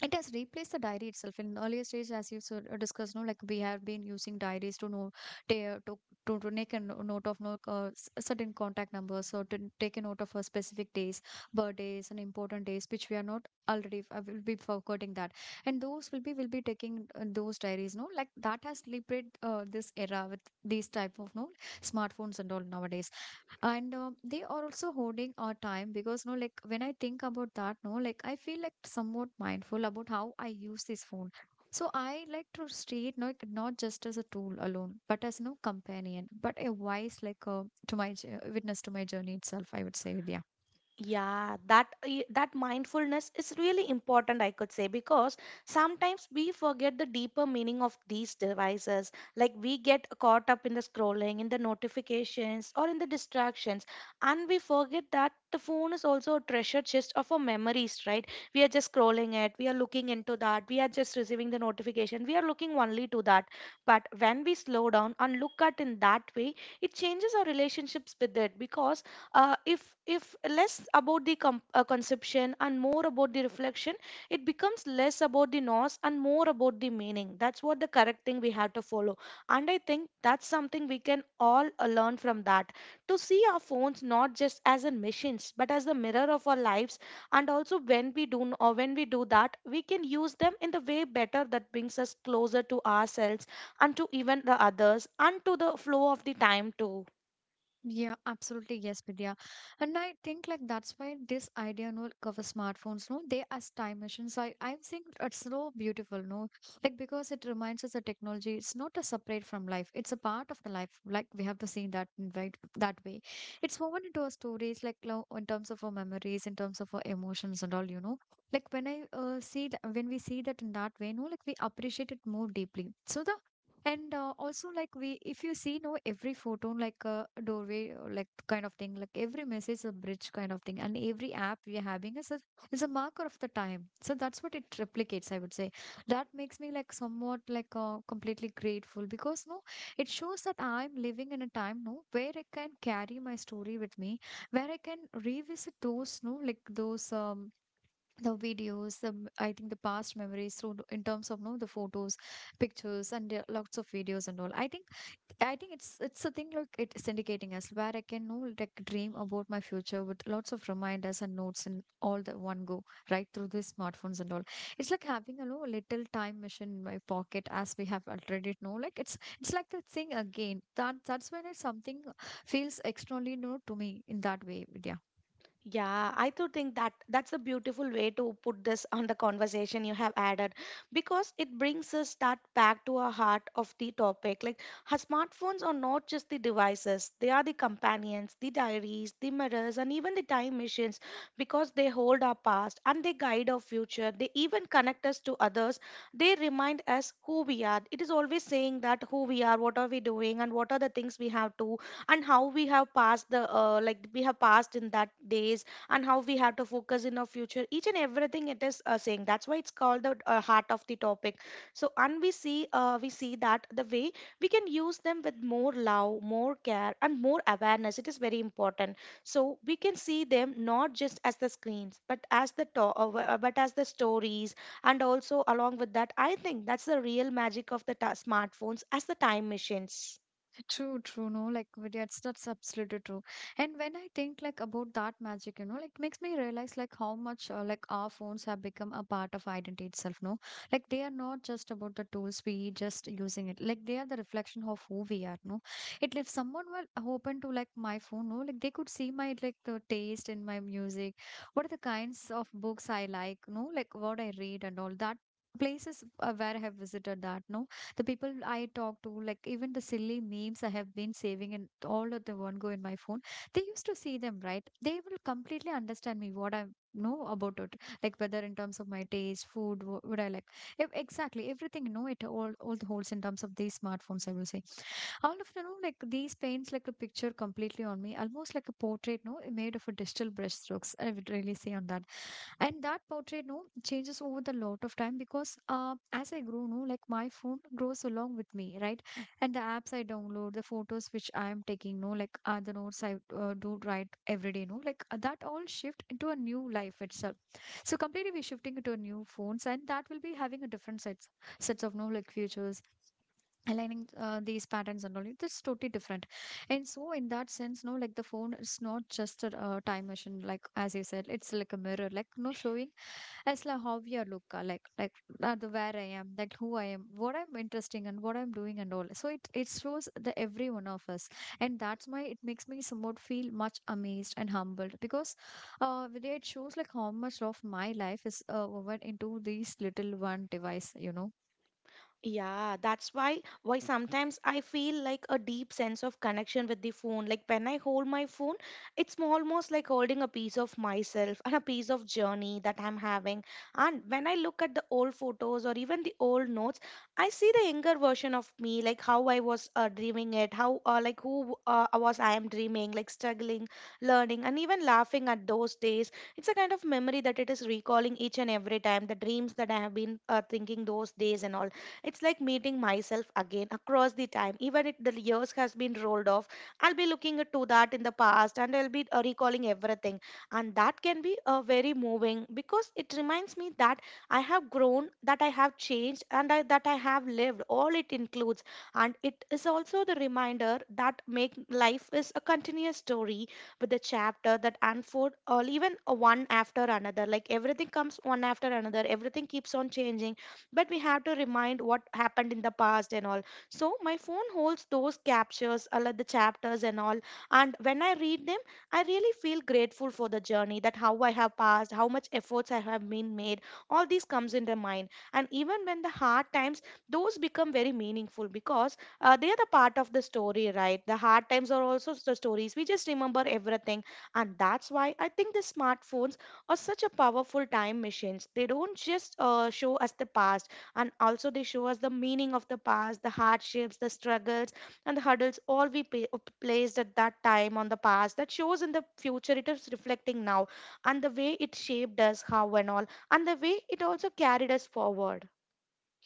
S1: it has replaced the diary itself in earlier stage, as you sort of discussed, no, like we have been using diaries to know ta- to, to to make a no- note of no uh, s- certain contact numbers, or to take a note of a specific days, birthdays and important days which we are not already uh, will be forgetting that. And those will be will be taking uh, those diaries, no, like that has liberated uh, this era with these type of no smartphones and all nowadays. And um, they are also holding our time because, no, like when I think about that, no, like I feel like somewhat mindful about how I use this phone. So I like to treat, no, like not just as a tool alone but as no companion but a wise like, uh, to my j- uh, witness to my journey itself, I would say. Yeah.
S2: Yeah, that i- that mindfulness is really important, I could say, because sometimes we forget the deeper meaning of these devices. Like we get caught up in the scrolling, in the notifications, or in the distractions, and we forget that the phone is also a treasure chest of our memories, right? We are just scrolling it, we are looking into that, we are just receiving the notification, we are looking only to that. But when we slow down and look at in that way, it changes our relationships with it because uh, if if less about the com- uh, conception and more about the reflection, it becomes less about the noise and more about the meaning. That's what the correct thing we have to follow, and I think that's something we can all uh, learn from that, to see our phones not just as a machines but as the mirror of our lives. And also when we do n- or when we do that, we can use them in the way better that brings us closer to ourselves and to even the others and to the flow of the time too.
S1: Yeah, absolutely. Yes, Vidya. And I think like that's why this idea, no, like, of a smartphones, no, they as time machines. I, I think it's so beautiful, no, like because it reminds us that technology is not a separate from life. It's a part of the life. Like we have to see that in right that way. It's woven into our stories, like lo- in terms of our memories, in terms of our emotions and all, you know. Like when I uh, see that, when we see that in that way, no, like we appreciate it more deeply. So the and uh, also, like we, if you see, no, every photon, like a doorway, or like kind of thing, like every message, a bridge kind of thing, and every app we are having is a is a marker of the time. So that's what it replicates, I would say. That makes me like somewhat like uh, completely grateful because, no, it shows that I'm living in a time, no, where I can carry my story with me, where I can revisit those, no, like those um the videos, the m- I think the past memories through the- in terms of no the photos, pictures, and there are lots of videos and all. I think i think it's it's a thing like it's indicating us where I can know like dream about my future with lots of reminders and notes and all the one go right through the smartphones and all. It's like having a no little time machine in my pocket, as we have already know, like it's it's like the thing again that that's when it's something feels externally new to me in that way, Vidya.
S2: Yeah, I do think that that's a beautiful way to put this on the conversation you have added, because it brings us that back to our heart of the topic. Like, our smartphones are not just the devices, they are the companions, the diaries, the mirrors, and even the time machines, because they hold our past and they guide our future. They even connect us to others. They remind us who we are. It is always saying that who we are, what are we doing, and what are the things we have to, and how we have passed the uh, like we have passed in that days, and how we have to focus in our future. Each and everything it is uh, saying. That's why it's called the uh, heart of the topic. So and we see uh, we see that the way we can use them with more love, more care, and more awareness. It is very important, so we can see them not just as the screens but as the to- uh, uh, but as the stories. And also along with that, I think that's the real magic of the ta- smartphones as the time machines.
S1: True, true, no, like with- that's that's absolutely true. And when I think like about that magic, you know, like makes me realize like how much uh, like our phones have become a part of identity itself. No, like they are not just about the tools we just using it. Like they are the reflection of who we are. No, it if someone were open to like my phone, no, like they could see my like the taste in my music, what are the kinds of books I like, no, like what I read and all that, places uh, where I have visited that. No, the people I talk to, like even the silly memes I have been saving and all of the one go in my phone, they used to see them, right? They will completely understand me what I know about it, like whether in terms of my taste, food, wh- what I like. Ev- exactly everything. You know it all, all the holes in terms of these smartphones, I will say. All of you know like these paints like a picture completely on me, almost like a portrait, no, made of a digital brushstrokes, I would really say on that. And that portrait, no, changes over the lot of time because uh, as I grow, no, like my phone grows along with me, right? And the apps I download, the photos which I am taking, no, like are the notes I uh, do write every day, no, like uh, that all shift into a new life itself. So completely we're shifting into a new phones and that will be having a different sets sets of no like features, aligning uh, these patterns and all, it's totally different. And so in that sense, no, like the phone is not just a uh, time machine, like as you said, it's like a mirror, like no showing. It's like how we are look uh, like like uh, the where I am, like who I am, what I'm interesting and what I'm doing and all. So it it shows the every one of us, and that's why it makes me somewhat feel much amazed and humbled because, uh, Vidya, it shows like how much of my life is uh woven into these little one device, you know.
S2: Yeah, that's why why sometimes I feel like a deep sense of connection with the phone. Like when I hold my phone, it's almost like holding a piece of myself and a piece of journey that I'm having. And when I look at the old photos or even the old notes, I see the younger version of me, like how I was uh, dreaming it, how uh, like who uh, was I am dreaming, like struggling, learning, and even laughing at those days. It's a kind of memory that it is recalling each and every time the dreams that I have been uh, thinking those days and all. It's like meeting myself again across the time. Even if the years has been rolled off, I'll be looking at to that in the past and I'll be uh, recalling everything. And that can be uh, very moving, because it reminds me that I have grown, that I have changed, and I, that I have lived. All it includes, and it is also the reminder that make life is a continuous story with a chapter that unfold or even a one after another. Like everything comes one after another. Everything keeps on changing, but we have to remind what happened in the past and all. So my phone holds those captures, all of the chapters and all. And when I read them, I really feel grateful for the journey, that how I have passed, how much efforts I have been made. All these comes in the mind. And even when the hard times, those become very meaningful, because uh, they are the part of the story, right? The hard times are also the stories, we just remember everything. And that's why I think the smartphones are such a powerful time machines. They don't just uh, show us the past, and also they show us the meaning of the past, the hardships, the struggles, and the hurdles all we pa- placed at that time on the past. That shows in the future. It is reflecting now, and the way it shaped us, how and all, and the way it also carried us forward.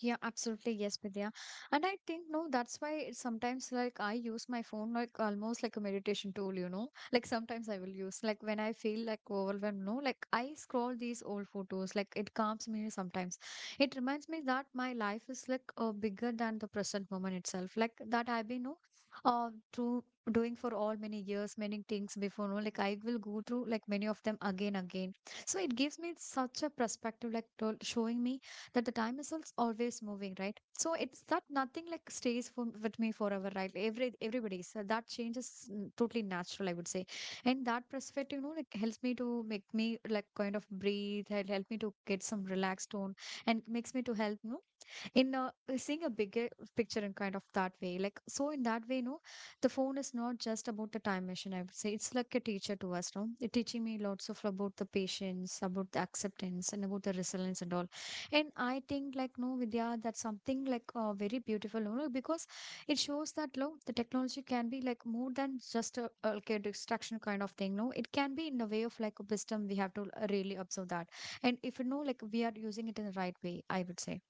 S1: Yeah, absolutely. Yes, Vidya. And I think, no, that's why it's sometimes like I use my phone like almost like a meditation tool, you know. Like sometimes I will use, like when I feel like overwhelmed, no, like I scroll these old photos, like it calms me sometimes. It reminds me that my life is like uh, bigger than the present moment itself, like that I've been, no, uh, through doing for all many years, many things before, no, like I will go through like many of them again, again. So it gives me such a perspective, like to- showing me that the time is als- always moving, right? So it's that nothing like stays for, with me forever, right? Every everybody so that change is mm, totally natural, I would say. And that perspective, you know, like helps me to make me like kind of breathe, help help me to get some relaxed tone, and makes me to help you know, in a, uh, seeing a bigger picture in kind of that way like so in that way no the phone is not just about the time machine, I would say. It's like a teacher to us no it teaching me lots of about the patience, about the acceptance, and about the resilience and all. And I think like no Vidya that's something like uh, very beautiful, you know, because it shows that no the technology can be like more than just a, a, like a distraction kind of thing no it can be in a way of like a wisdom. We have to uh, really observe that and if you know like we are using it in the right way, I would say.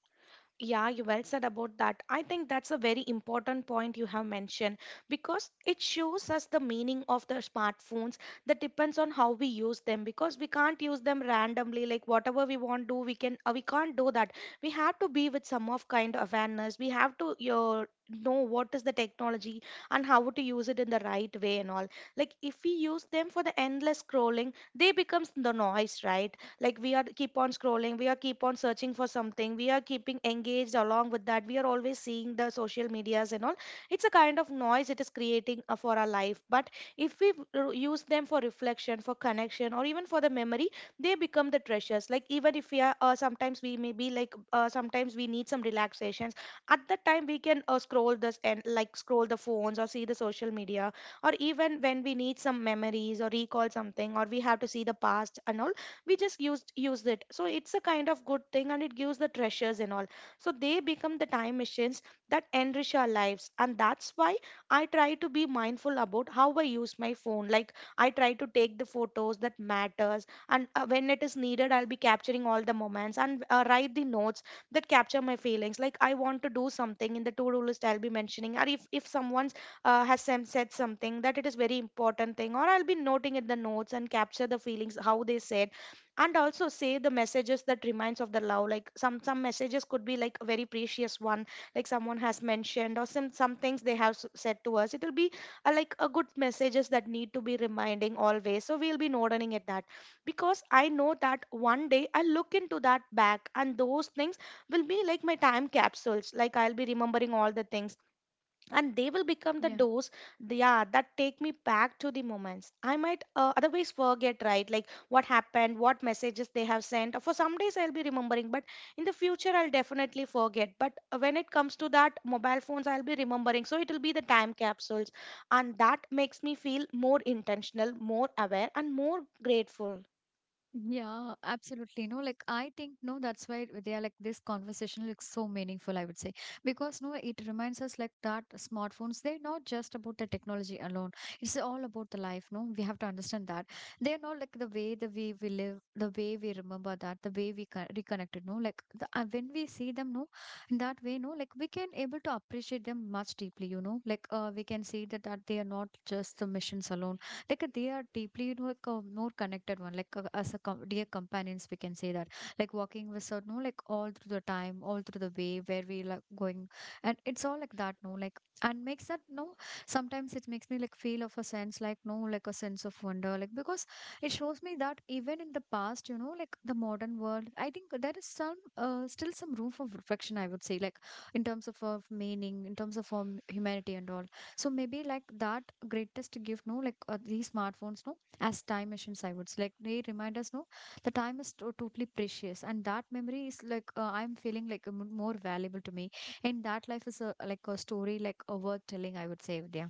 S2: Yeah, you well said about that. I think that's a very important point you have mentioned, because it shows us the meaning of the smartphones, that depends on how we use them. Because we can't use them randomly, like whatever we want to do we can uh, we can't do that. We have to be with some of kind of awareness. We have to uh, know what is the technology and how to use it in the right way and all. Like if we use them for the endless scrolling, they becomes the noise, right? Like we are keep on scrolling, we are keep on searching for something, we are keeping engaged. Along with that, we are always seeing the social medias and all. It's a kind of noise it is creating uh, for our life. But if we r- use them for reflection, for connection, or even for the memory, they become the treasures. Like even if we are uh, sometimes we may be like uh, sometimes we need some relaxations. At that time we can uh, scroll this and like scroll the phones or see the social media, or even when we need some memories or recall something or we have to see the past and all, we just used used it. So it's a kind of good thing and it gives the treasures and all. So they become the time machines that enrich our lives. And that's why I try to be mindful about how I use my phone. Like I try to take the photos that matters, and uh, when it is needed I'll be capturing all the moments and uh, write the notes that capture my feelings. Like I want to do something in the to-do list, I'll be mentioning. Or if if someone's uh, has sem- said something that it is very important thing, or I'll be noting in the notes and capture the feelings how they said. And also say the messages that reminds of the love, like some some messages could be like a very precious one. Like someone has mentioned, or some some things they have s- said to us, it will be uh, like a good messages that need to be reminding always, so we'll be noting at that. Because I know that one day I look into that back, and those things will be like my time capsules. Like I'll be remembering all the things, and they will become the
S1: Yeah.
S2: doors. Th- yeah, that take me back to the moments I might uh, otherwise forget, right? Like what happened, what messages they have sent. For some days I'll be remembering, but in the future I'll definitely forget. But uh, when it comes to that mobile phones, I'll be remembering, so it will be the time capsules. And that makes me feel more intentional, more aware, and more grateful.
S1: Yeah, absolutely. No, like I think no, that's why they are like this conversation looks so meaningful, I would say. Because no, it reminds us like that smartphones, they're not just about the technology alone. It's all about the life, no? We have to understand that. They're not like the way the way we live, the way we remember that, the way we con- reconnected, no? Like the, uh, when we see them, no, in that way, no, like we can able to appreciate them much deeply, you know? Like uh, we can see that that they are not just the missions alone like uh, they are deeply, you know, like a more connected one like uh, as a com- dear companions we can say that, like walking with us no like all through the time all through the way where we like going and it's all like that no like and makes that no sometimes it makes me like feel of a sense like no like a sense of wonder like because it shows me that even in the past, you know, like the modern world I think there is some uh, still some room for reflection, I would say, like in terms of, of meaning, in terms of um, humanity and all. So maybe like that greatest gift no like uh, these smartphones no as time machines, I would say, like they remind us no the time is to- totally precious and that memory is like uh, I'm feeling like m- more valuable to me and that life is a, like a story like a worth telling, I would say. Yeah.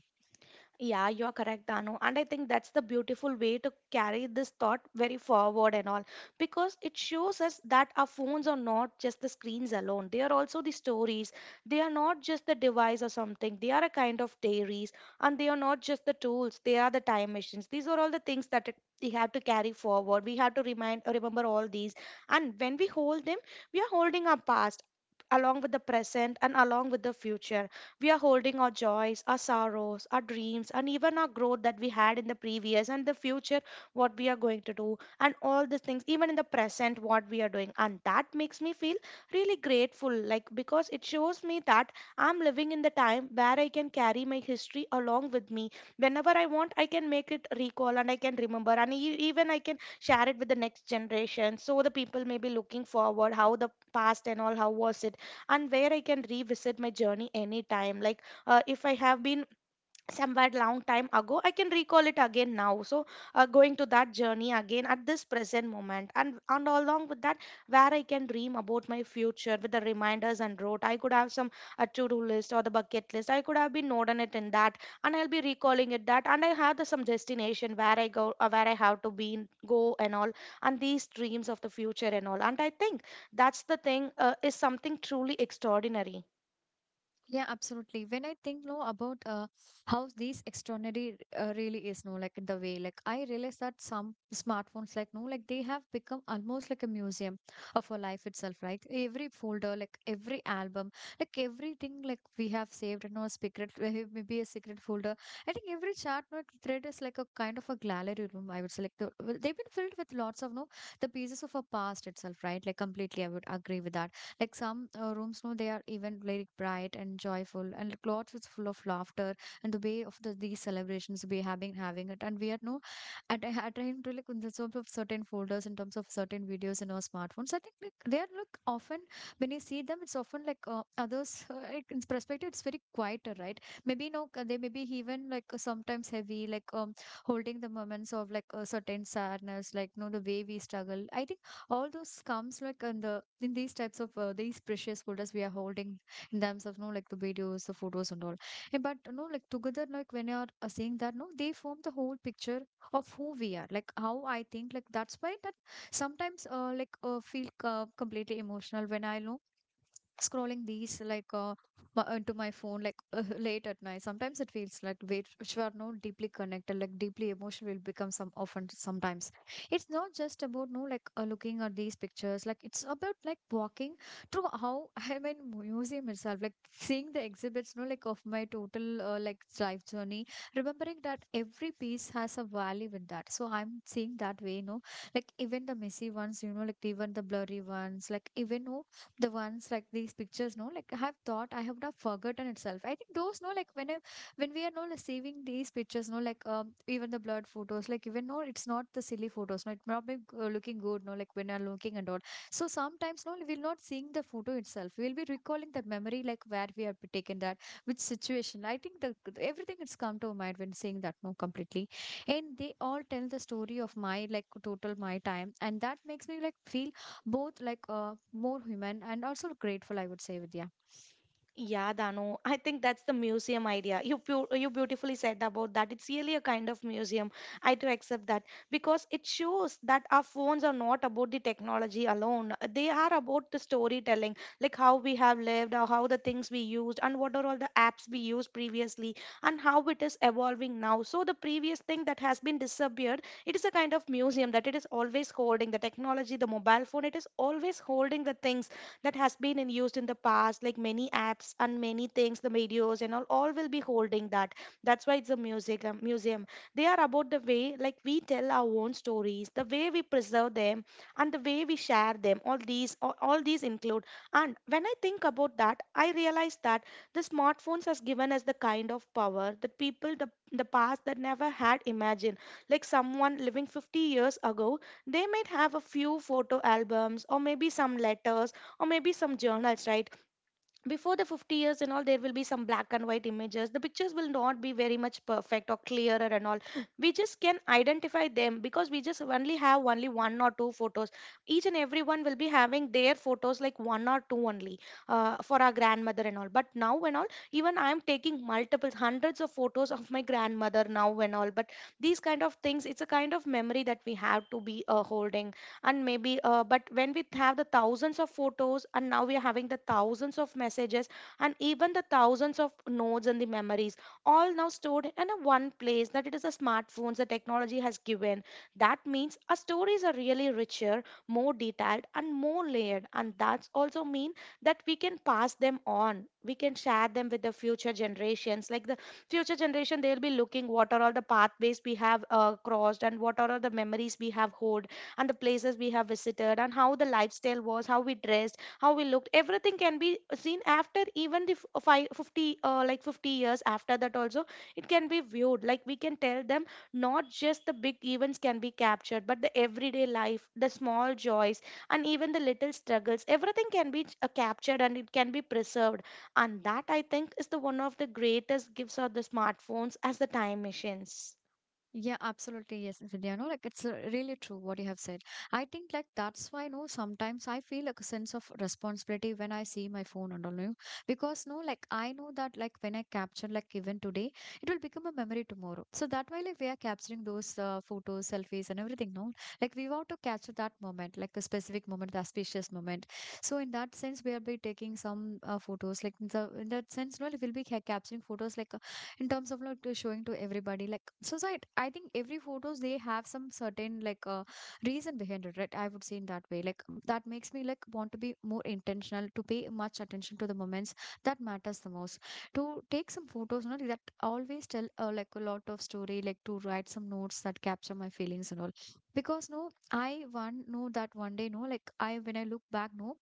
S2: Yeah, you are correct, Danu. And I think that's the beautiful way to carry this thought very forward and all, because it shows us that our phones are not just the screens alone. They are also the stories. They are not just the device or something. They are a kind of diaries, and they are not just the tools. They are the time machines. These are all the things that it, we have to carry forward. We have to remind remember all these. And when we hold them, we are holding our past along with the present and along with the future. We are holding our joys, our sorrows, our dreams, and even our growth that we had in the previous and the future, what we are going to do, and all these things, even in the present, what we are doing. And that makes me feel really grateful, like because it shows me that I'm living in the time where I can carry my history along with me. Whenever I want, I can make it recall and I can remember, and e- even I can share it with the next generation. So the people may be looking forward how the past and all, how was it, and where I can revisit my journey anytime. Like, uh, if I have been somewhere long time ago, I can recall it again now. So uh, going to that journey again at this present moment, and and along with that, where I can dream about my future with the reminders and road. I could have some a to-do list or the bucket list, I could have been noting it in that, and I'll be recalling it that. And I have the, some destination where I go uh, where I have to be in- go and all, and these dreams of the future and all. And I think that's the thing uh, is something truly extraordinary.
S1: Yeah, absolutely. When I think no about uh, how these extraordinary uh, really is no like the way like I realize that some smartphones like no like they have become almost like a museum of our life itself. Like every folder, like every album, like everything like we have saved in our secret eh, maybe a secret folder. I think every chat no thread is like a kind of a gallery room. I would say like the, well, they've been filled with lots of no the pieces of our past itself, right? Like completely, I would agree with that. Like some uh, rooms, no, they are even very bright and joyful, and clothes is full of laughter. And the way of the, these celebrations we have been having it, and we are no at at time to like in the sort of certain folders in terms of certain videos in our smartphones. I think like they are look often when you see them, it's often like uh, others uh, like in perspective, it's very quieter, right? Maybe no, uh, they may be even like uh, sometimes heavy, like um holding the moments of like a certain sadness, like no the way we struggle. I think all those comes like in the in these types of uh, these precious folders we are holding in terms of no like the videos, the photos, and all. Eh, but no like together like when you are uh, saying that no they form the whole picture of who we are like how I think like that's why that sometimes uh, like uh, feel uh, completely emotional when I know scrolling these like uh, m- into my phone like uh, late at night sometimes it feels like we which are not deeply connected like deeply emotional will become some often sometimes it's not just about no like uh, looking at these pictures like it's about like walking through how I mean museum itself like seeing the exhibits no like of my total uh, like life journey, remembering that every piece has a value in that, so I'm seeing that way no, like even the messy ones, you know, like even the blurry ones, like even no the ones like these pictures no like I have thought I have not forgotten itself. I think those no like when I, when we are no like, saving these pictures no like um even the blurred photos like even no it's not the silly photos no it's not be uh, looking good no like when you're looking and all. So sometimes no we'll not seeing the photo itself, we'll be recalling that memory like where we have taken that, which situation I think the everything it's come to mind when seeing that no completely. And they all tell the story of my like total my time and that makes me like feel both like uh, more human and also grateful, I would say, Vidya.
S2: Yeah, Danu, I think that's the museum idea. You pu- you beautifully said about that. It's really a kind of museum. I do accept that, because it shows that our phones are not about the technology alone. They are about the storytelling, like how we have lived, or how the things we used, and what are all the apps we used previously, and how it is evolving now. So the previous thing that has been disappeared, it is a kind of museum that it is always holding the technology, the mobile phone. It is always holding the things that has been in used in the past like many apps and many things the videos and all all will be holding that that's why it's a music um, museum. They are about the way like we tell our own stories, the way we preserve them, and the way we share them. All these all, all these include. And when I think about that, I realize that the smartphones has given us the kind of power that people the the past that never had imagined. Like someone living fifty years ago, they might have a few photo albums, or maybe some letters, or maybe some journals, right? Before the fifty years and all, there will be some black and white images. The pictures will not be very much perfect or clearer and all. We just can identify them because we just only have only one or two photos. Each and everyone will be having their photos like one or two only, uh, for our grandmother and all. But now and all, even I am taking multiple hundreds of photos of my grandmother now and all. But these kind of things, it's a kind of memory that we have to be uh, holding. And maybe uh, but when we have the thousands of photos, and now we are having the thousands of messages, and even the thousands of notes and the memories, all now stored in a one place that it is the smartphones, the technology has given. That means our stories are really richer, more detailed and more layered, and that's also mean that we can pass them on, we can share them with the future generations. Like the future generation, they'll be looking what are all the pathways we have uh, crossed, and what are all the memories we have hold, and the places we have visited, and how the lifestyle was, how we dressed, how we looked. Everything can be seen after even the f- uh, five, fifty, uh, like fifty years after that also. It can be viewed. Like we can tell them not just the big events can be captured, but the everyday life, the small joys, and even the little struggles. Everything can be uh, captured and it can be preserved. And that, I think, is the one of the greatest gifts of the smartphones as the time machines.
S1: Yeah, absolutely. Yes, Vidya. No, like it's uh, really true what you have said. I think like that's why no, sometimes I feel like a sense of responsibility when I see my phone and all no, because no, like I know that like when I capture like even today, it will become a memory tomorrow. So that way like we are capturing those uh, photos, selfies, and everything. No, like we want to capture that moment, like a specific moment, the auspicious moment. So in that sense, we will be taking some uh, photos. Like in the in that sense, no, we'll be ca- capturing photos like in terms of like to showing to everybody like so, so it, I think every photos they have some certain like uh, reason behind it, right? I would say in that way like that makes me like want to be more intentional, to pay much attention to the moments that matters the most, to take some photos, you know, that always tell uh, like a lot of story, like to write some notes that capture my feelings and all. Because no I one know that one day no like I when I look back no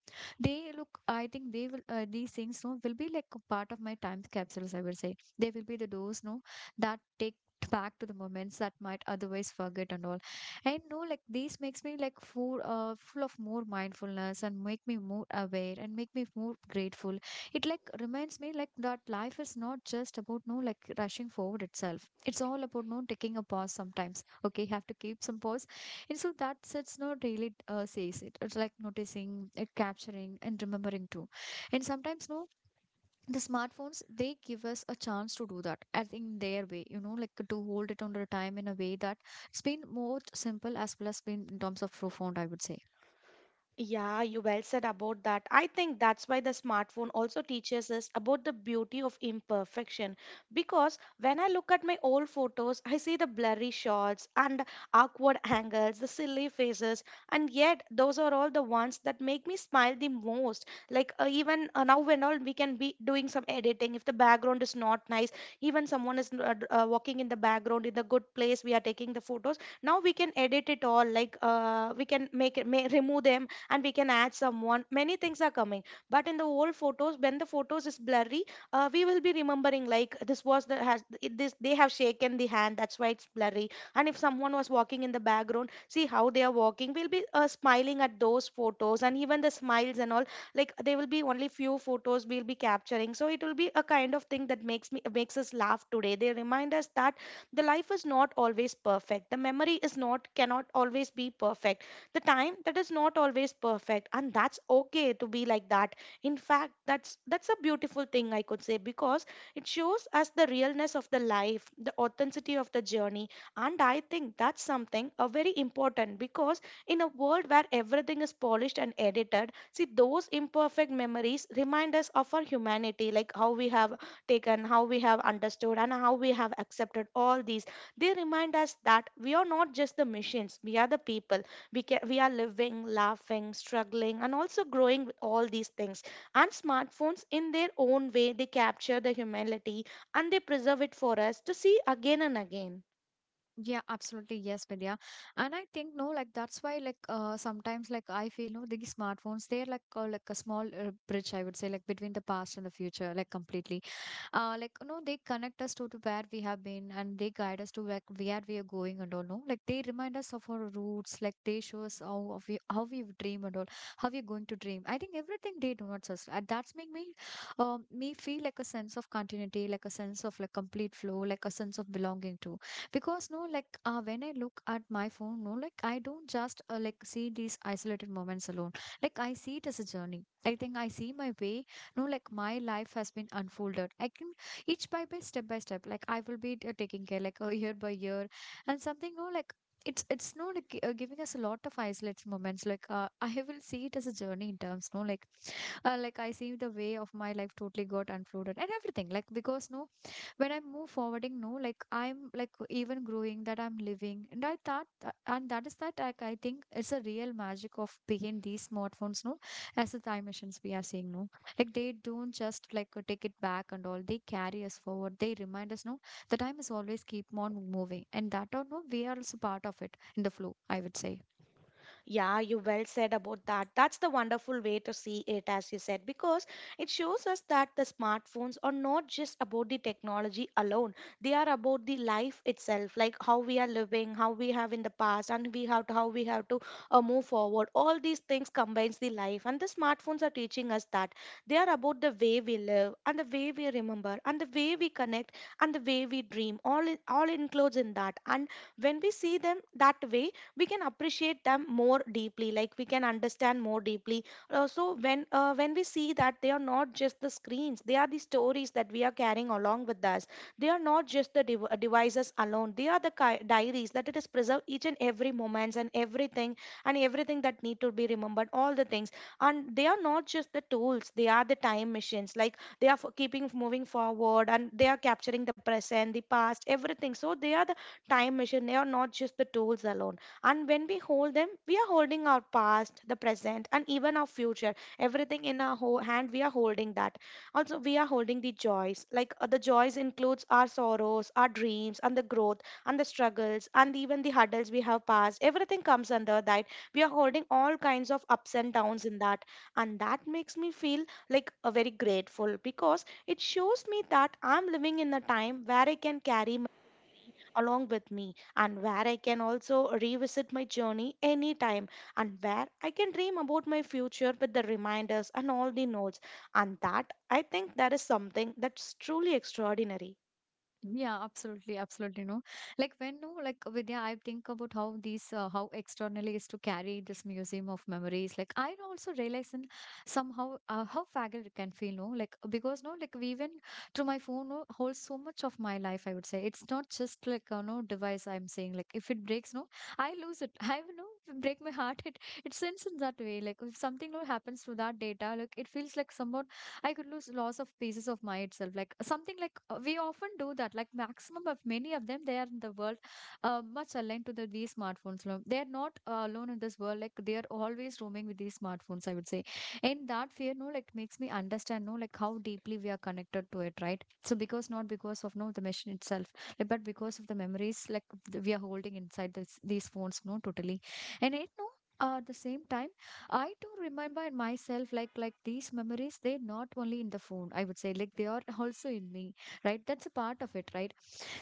S1: they look I think they will uh, these things no will be like a part of my time capsules, I would say. They will be the doors, no, that take back to the moments that might otherwise forget and all. And no like this makes me like full uh, full of more mindfulness and make me more aware and make me more grateful. It like reminds me like that life is not just about no like rushing forward itself, it's all about no taking a pause sometimes. Okay, you have to keep some pause and so that's sets no really uh, says it, it's like noticing, uh, capturing, and remembering too. And sometimes no the smartphones they give us a chance to do that as in their way, you know, like to hold it on the time in a way that it's been more simple as well as been in terms of profound, I would say.
S2: Yeah, you well said about that. I think that's why the smartphone also teaches us about the beauty of imperfection. Because when I look at my old photos, I see the blurry shots and awkward angles, the silly faces, and yet those are all the ones that make me smile the most. Like uh, even uh, now, when all we can be doing some editing, if the background is not nice, even someone is uh, d- uh, walking in the background in the good place, we are taking the photos. Now we can edit it all. Like uh, we can make it, may, remove them, and we can add someone, many things are coming. But in the old photos when the photos is blurry, uh, we will be remembering like this was the has it- this they have shaken the hand, that's why it's blurry. And if someone was walking in the background, see how they are walking, we'll be uh, smiling at those photos. And even the smiles and all, like there will be only few photos we'll be capturing, so it will be a kind of thing that makes me makes us laugh today. They remind us that the life is not always perfect, the memory is not cannot always be perfect, the time that is not always perfect, and that's okay to be like that. In fact, that's that's a beautiful thing, I could say, because it shows us the realness of the life, the authenticity of the journey. And I think that's something a very important, because in a world where everything is polished and edited, see those imperfect memories remind us of our humanity, like how we have taken, how we have understood, and how we have accepted all these. They remind us that we are not just the machines, we are the people. We can, we are living, laughing, struggling and also growing with all these things. And smartphones, in their own way, they capture the humanity, and they preserve it for us to see again and again.
S1: Yeah, absolutely. Yes, Vidya. And I think no, like that's why like uh sometimes like I feel no these smartphones they're like uh, like a small uh, bridge, I would say, like between the past and the future like completely. Uh like no they connect us to, to where we have been and they guide us to like where we are going and all no like they remind us of our roots like they show us how of we how we dream and all how we're going to dream. I think everything they do not us and that's make me um me feel like a sense of continuity, like a sense of like complete flow, like a sense of belonging too, because no like uh, when I look at my phone no like I don't just uh, like see these isolated moments alone, like I see it as a journey. I think I see my way no like my life has been unfolded I can each by by step by step like I will be uh, taking care like uh, year by year and something no like it's it's no like uh, giving us a lot of isolated moments like uh, I will see it as a journey in terms no like uh, like I see the way of my life totally got unfolded and everything like because no when I'm move forwarding no like I'm like even growing that I'm living and I thought uh, and that is that like I think it's a real magic of behind these smartphones no as the time machines we are seeing no like they don't just like uh, take it back and all they carry us forward they remind us no the time is always keep on moving and that or no we are also part of it in the flow, I would say.
S2: Yeah, you well said about that. That's the wonderful way to see it, as you said, because it shows us that the smartphones are not just about the technology alone. They are about the life itself, like how we are living, how we have in the past, and we have to, how we have to uh, move forward. All these things combines the life, and the smartphones are teaching us that they are about the way we live, and the way we remember, and the way we connect, and the way we dream, all in, all includes in that. And when we see them that way, we can appreciate them more deeply, like we can understand more deeply. Uh, so when uh, when we see that they are not just the screens, they are the stories that we are carrying along with us. They are not just the dev- uh, devices alone, they are the ki- diaries that it is preserved each and every moments and everything, and everything that need to be remembered, all the things. And they are not just the tools, they are the time machines. Like they are for keeping moving forward, and they are capturing the present, the past, everything. So they are the time machine, they are not just the tools alone. And when we hold them, we are holding our past, the present, and even our future, everything in our ho- hand we are holding that. Also, we are holding the joys, like uh, the joys includes our sorrows, our dreams and the growth, and the struggles and even the hurdles we have passed, everything comes under that. We are holding all kinds of ups and downs in that. And that makes me feel like a very grateful, because it shows me that I'm living in a time where I can carry my along with me, and where I can also revisit my journey anytime, and where I can dream about my future with the reminders and all the notes. And that, I think, that is something that's truly extraordinary.
S1: Yeah, absolutely, absolutely. No, like when no, like Vidya, I think about how these uh, how externally is to carry this museum of memories. Like I also realize in somehow uh, how fragile it can feel. No, like because no, like we even to my phone no, holds so much of my life. I would say it's not just like uh, no device. I'm saying like if it breaks, no, I lose it. I will, no if it break my heart. It it sends in that way. Like if something no happens to that data, like it feels like somehow I could lose loss of pieces of my itself. Like something like uh, we often do that. Like maximum of many of them, they are in the world uh, much aligned to the these smartphones. lo- They are not uh, alone in this world. Like they are always roaming with these smartphones. I would say, and that fear, no, like makes me understand, no, like how deeply we are connected to it, right? So because not because of no the machine itself, like, but because of the memories like th- we are holding inside this these phones, no, totally, and it no. Uh, at the same time I do remember in myself like like these memories, they're not only in the phone, I would say, like they are also in me, right? That's a part of it, right?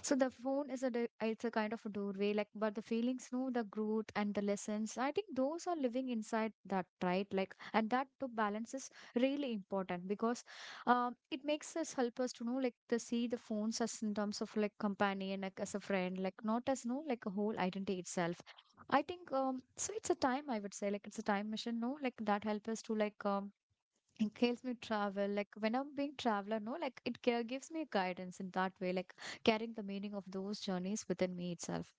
S1: So the phone is a di- it's a kind of a doorway, like but the feelings, no, the growth and the lessons. I think those are living inside that, right? Like and that to balance is really important because um it makes us help us to know like to see the phones as in terms of like companion, like as a friend, like not as no like a whole identity itself. I think um so it's a time I would say like it's a time machine no like that helps us to like um it helps me travel like when I'm being traveler no like it ca- gives me guidance in that way like carrying the meaning of those journeys within me itself.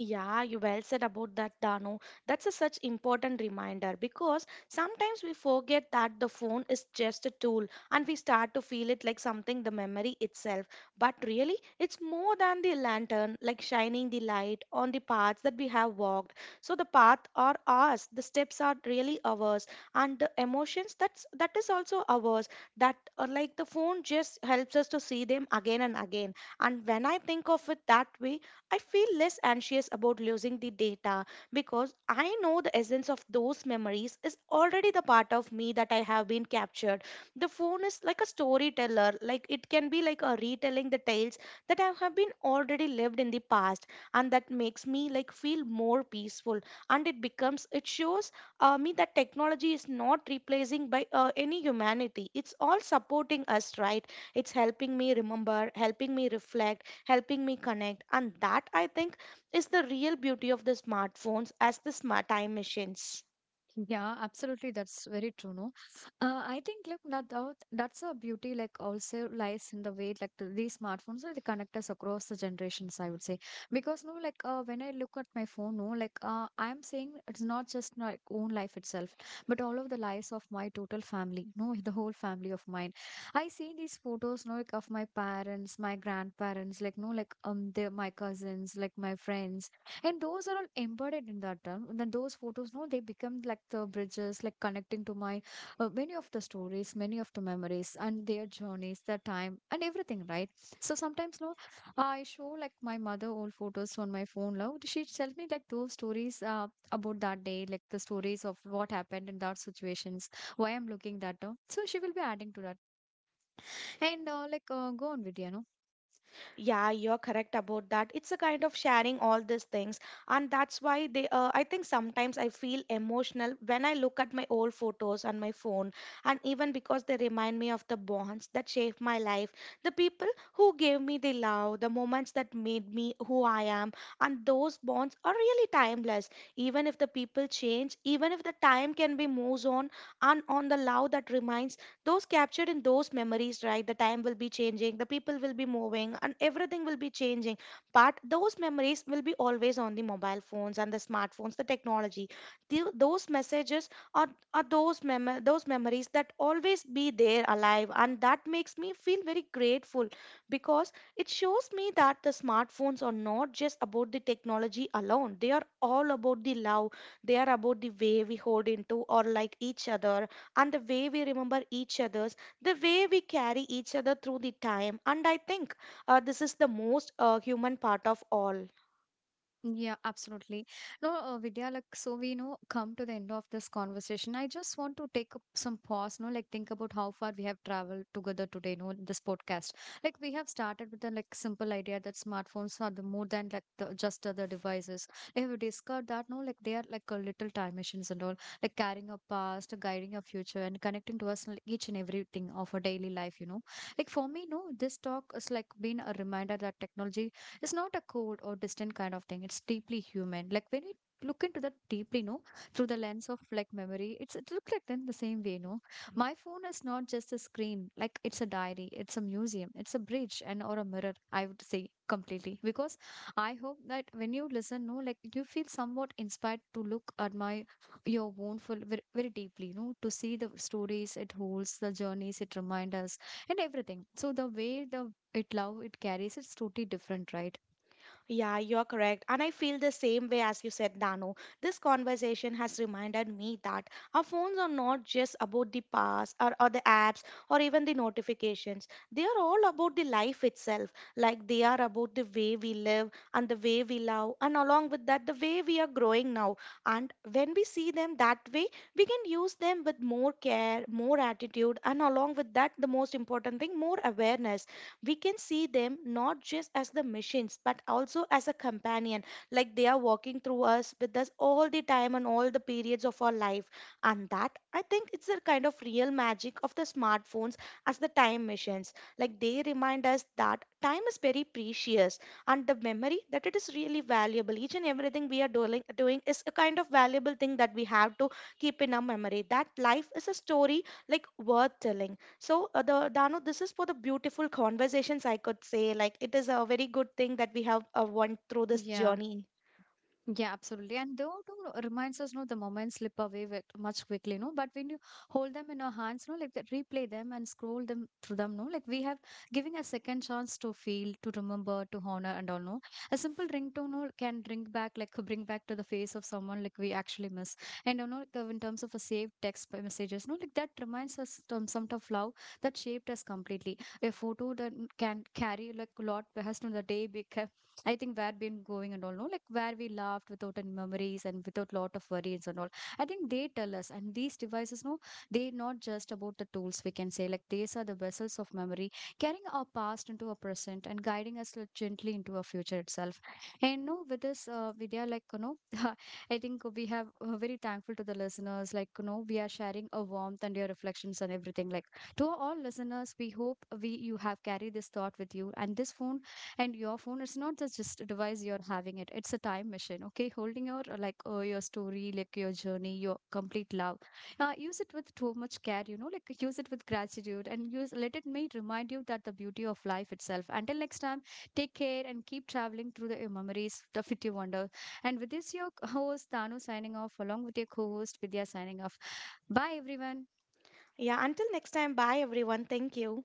S2: Yeah, you well said about that, Dano. That's a such important reminder, because sometimes we forget that the phone is just a tool, and we start to feel it like something the memory itself. But really, it's more than the lantern, like shining the light on the paths that we have walked. So the path are ours, the steps are really ours, and the emotions, that's that is also ours. That are like the phone just helps us to see them again and again. And when I think of it that way, I feel less anxious about losing the data, because I know the essence of those memories is already the part of me that I have been captured. The phone is like a storyteller, like it can be like a retelling the tales that I have been already lived in the past, and that makes me like feel more peaceful. And it becomes it shows uh, me that technology is not replacing by uh, any humanity. It's all supporting us, right? It's helping me remember, helping me reflect, helping me connect. And that, I think, is the real beauty of the smartphones as the smart time machines.
S1: Yeah, absolutely. That's very true, no? Uh, I think like that out- that's a beauty like also lies in the way like the, these smartphones will connect us across the generations, I would say. Because no, like uh, when I look at my phone, no, like uh, I'm saying it's not just my own life itself, but all of the lives of my total family, no, the whole family of mine. I see these photos, no, like of my parents, my grandparents, like no, like um, they my cousins, like my friends and those are all embedded in that term. And then those photos, no, they become like the bridges, like connecting to my uh, many of the stories, many of the memories, and their journeys, their time, and everything, right? So sometimes, no, I show like my mother old photos on my phone. Now she tells me like those stories uh, about that day, like the stories of what happened in that situations, why I'm looking that up. So she will be adding to that. And uh, like uh, go on, Vidya, no?
S2: Yeah, you're correct about that. It's a kind of sharing all these things, and that's why they. Uh, I think sometimes I feel emotional when I look at my old photos on my phone, and even because they remind me of the bonds that shaped my life, the people who gave me the love, the moments that made me who I am, and those bonds are really timeless. Even if the people change, even if the time can be moves on, and on the love that remains, those captured in those memories, right? The time will be changing, the people will be moving, and everything will be changing, but those memories will be always on the mobile phones and the smartphones, the technology. Tho- those messages are, are those mem- those memories that always be there alive, and that makes me feel very grateful, because it shows me that the smartphones are not just about the technology alone, they are all about the love. They are about the way we hold into or like each other, and the way we remember each other's, the way we carry each other through the time. And I think uh, this is the most uh, human part of all.
S1: Yeah, absolutely. No, uh, Vidya, like, so we know come to the end of this conversation. I just want to take up some pause, no, like think about how far we have traveled together today, no, in this podcast. Like we have started with the like simple idea that smartphones are the more than like the just other devices. Like we discovered that, no, like they are like a little time machines and all, like carrying our past, guiding our future, and connecting to us like, each and everything of our daily life, you know. Like for me, no, this talk is like been a reminder that technology it's not a cold or distant kind of thing. It's deeply human. Like when we look into that deeply, no, through the lens of like memory, it's it looks like then the same way, no. My phone is not just a screen. Like it's a diary. It's a museum. It's a bridge and or a mirror. I would say completely because I hope that when you listen, no, like you feel somewhat inspired to look at my your own full very, very deeply, you know, to see the stories it holds, the journeys it reminds us, and everything. So the way the it love it carries it's totally different, right?
S2: Yeah, you're correct. And I feel the same way as you said, Dano. This conversation has reminded me that our phones are not just about the past, or, or the apps or even the notifications. They are all about the life itself. Like they are about the way we live and the way we love, and along with that, the way we are growing now. And when we see them that way, we can use them with more care, more attitude, and along with that, the most important thing, more awareness. We can see them not just as the machines, but also as a companion. Like they are walking through us with us all the time and all the periods of our life. And that, I think, it's the kind of real magic of the smartphones as the time machines. Like they remind us that time is very precious, and the memory that it is really valuable. Each and everything we are doing, doing is a kind of valuable thing that we have to keep in our memory, that life is a story like worth telling. So, uh, the Danu, this is for the beautiful conversations, I could say. Like, it is a very good thing that we have uh, went through this
S1: Yeah,
S2: journey.
S1: yeah, absolutely. And though too reminds us, no, the moments slip away with much quickly, no. But when you hold them in our hands, no, like that, replay them and scroll them through them, no, like we have giving a second chance to feel, to remember, to honor, and all, no. A simple ringtone, no, can bring back, like bring back to the face of someone like we actually miss. And you know, like, uh, in terms of a saved text p- messages, no, like that reminds us some sort of love that shaped us completely. A photo that n- can carry like a lot has to the day be I think where been going and all, no, like where we laughed without any memories and without lot of worries and all. I think they tell us, and these devices, no, they not just about the tools. We can say like these are the vessels of memory, carrying our past into our present and guiding us like, gently into our future itself. And no, with this uh, video, like you know, I think we have uh, very thankful to the listeners. Like you know, we are sharing a warmth and your reflections and everything. Like to all listeners, we hope we you have carried this thought with you, and this phone and your phone it's not just just a device you're having it it's a time machine okay holding your uh, like uh, your story like your journey your complete love. Uh, use it with too much care you know like use it with gratitude and use let it may remind you that the beauty of life itself until next time take care and keep traveling through the uh, memories the fifty wonder and with this your host Tanu signing off along with your co-host Vidya signing off. Bye everyone.
S2: Yeah, until next time, bye everyone. Thank you.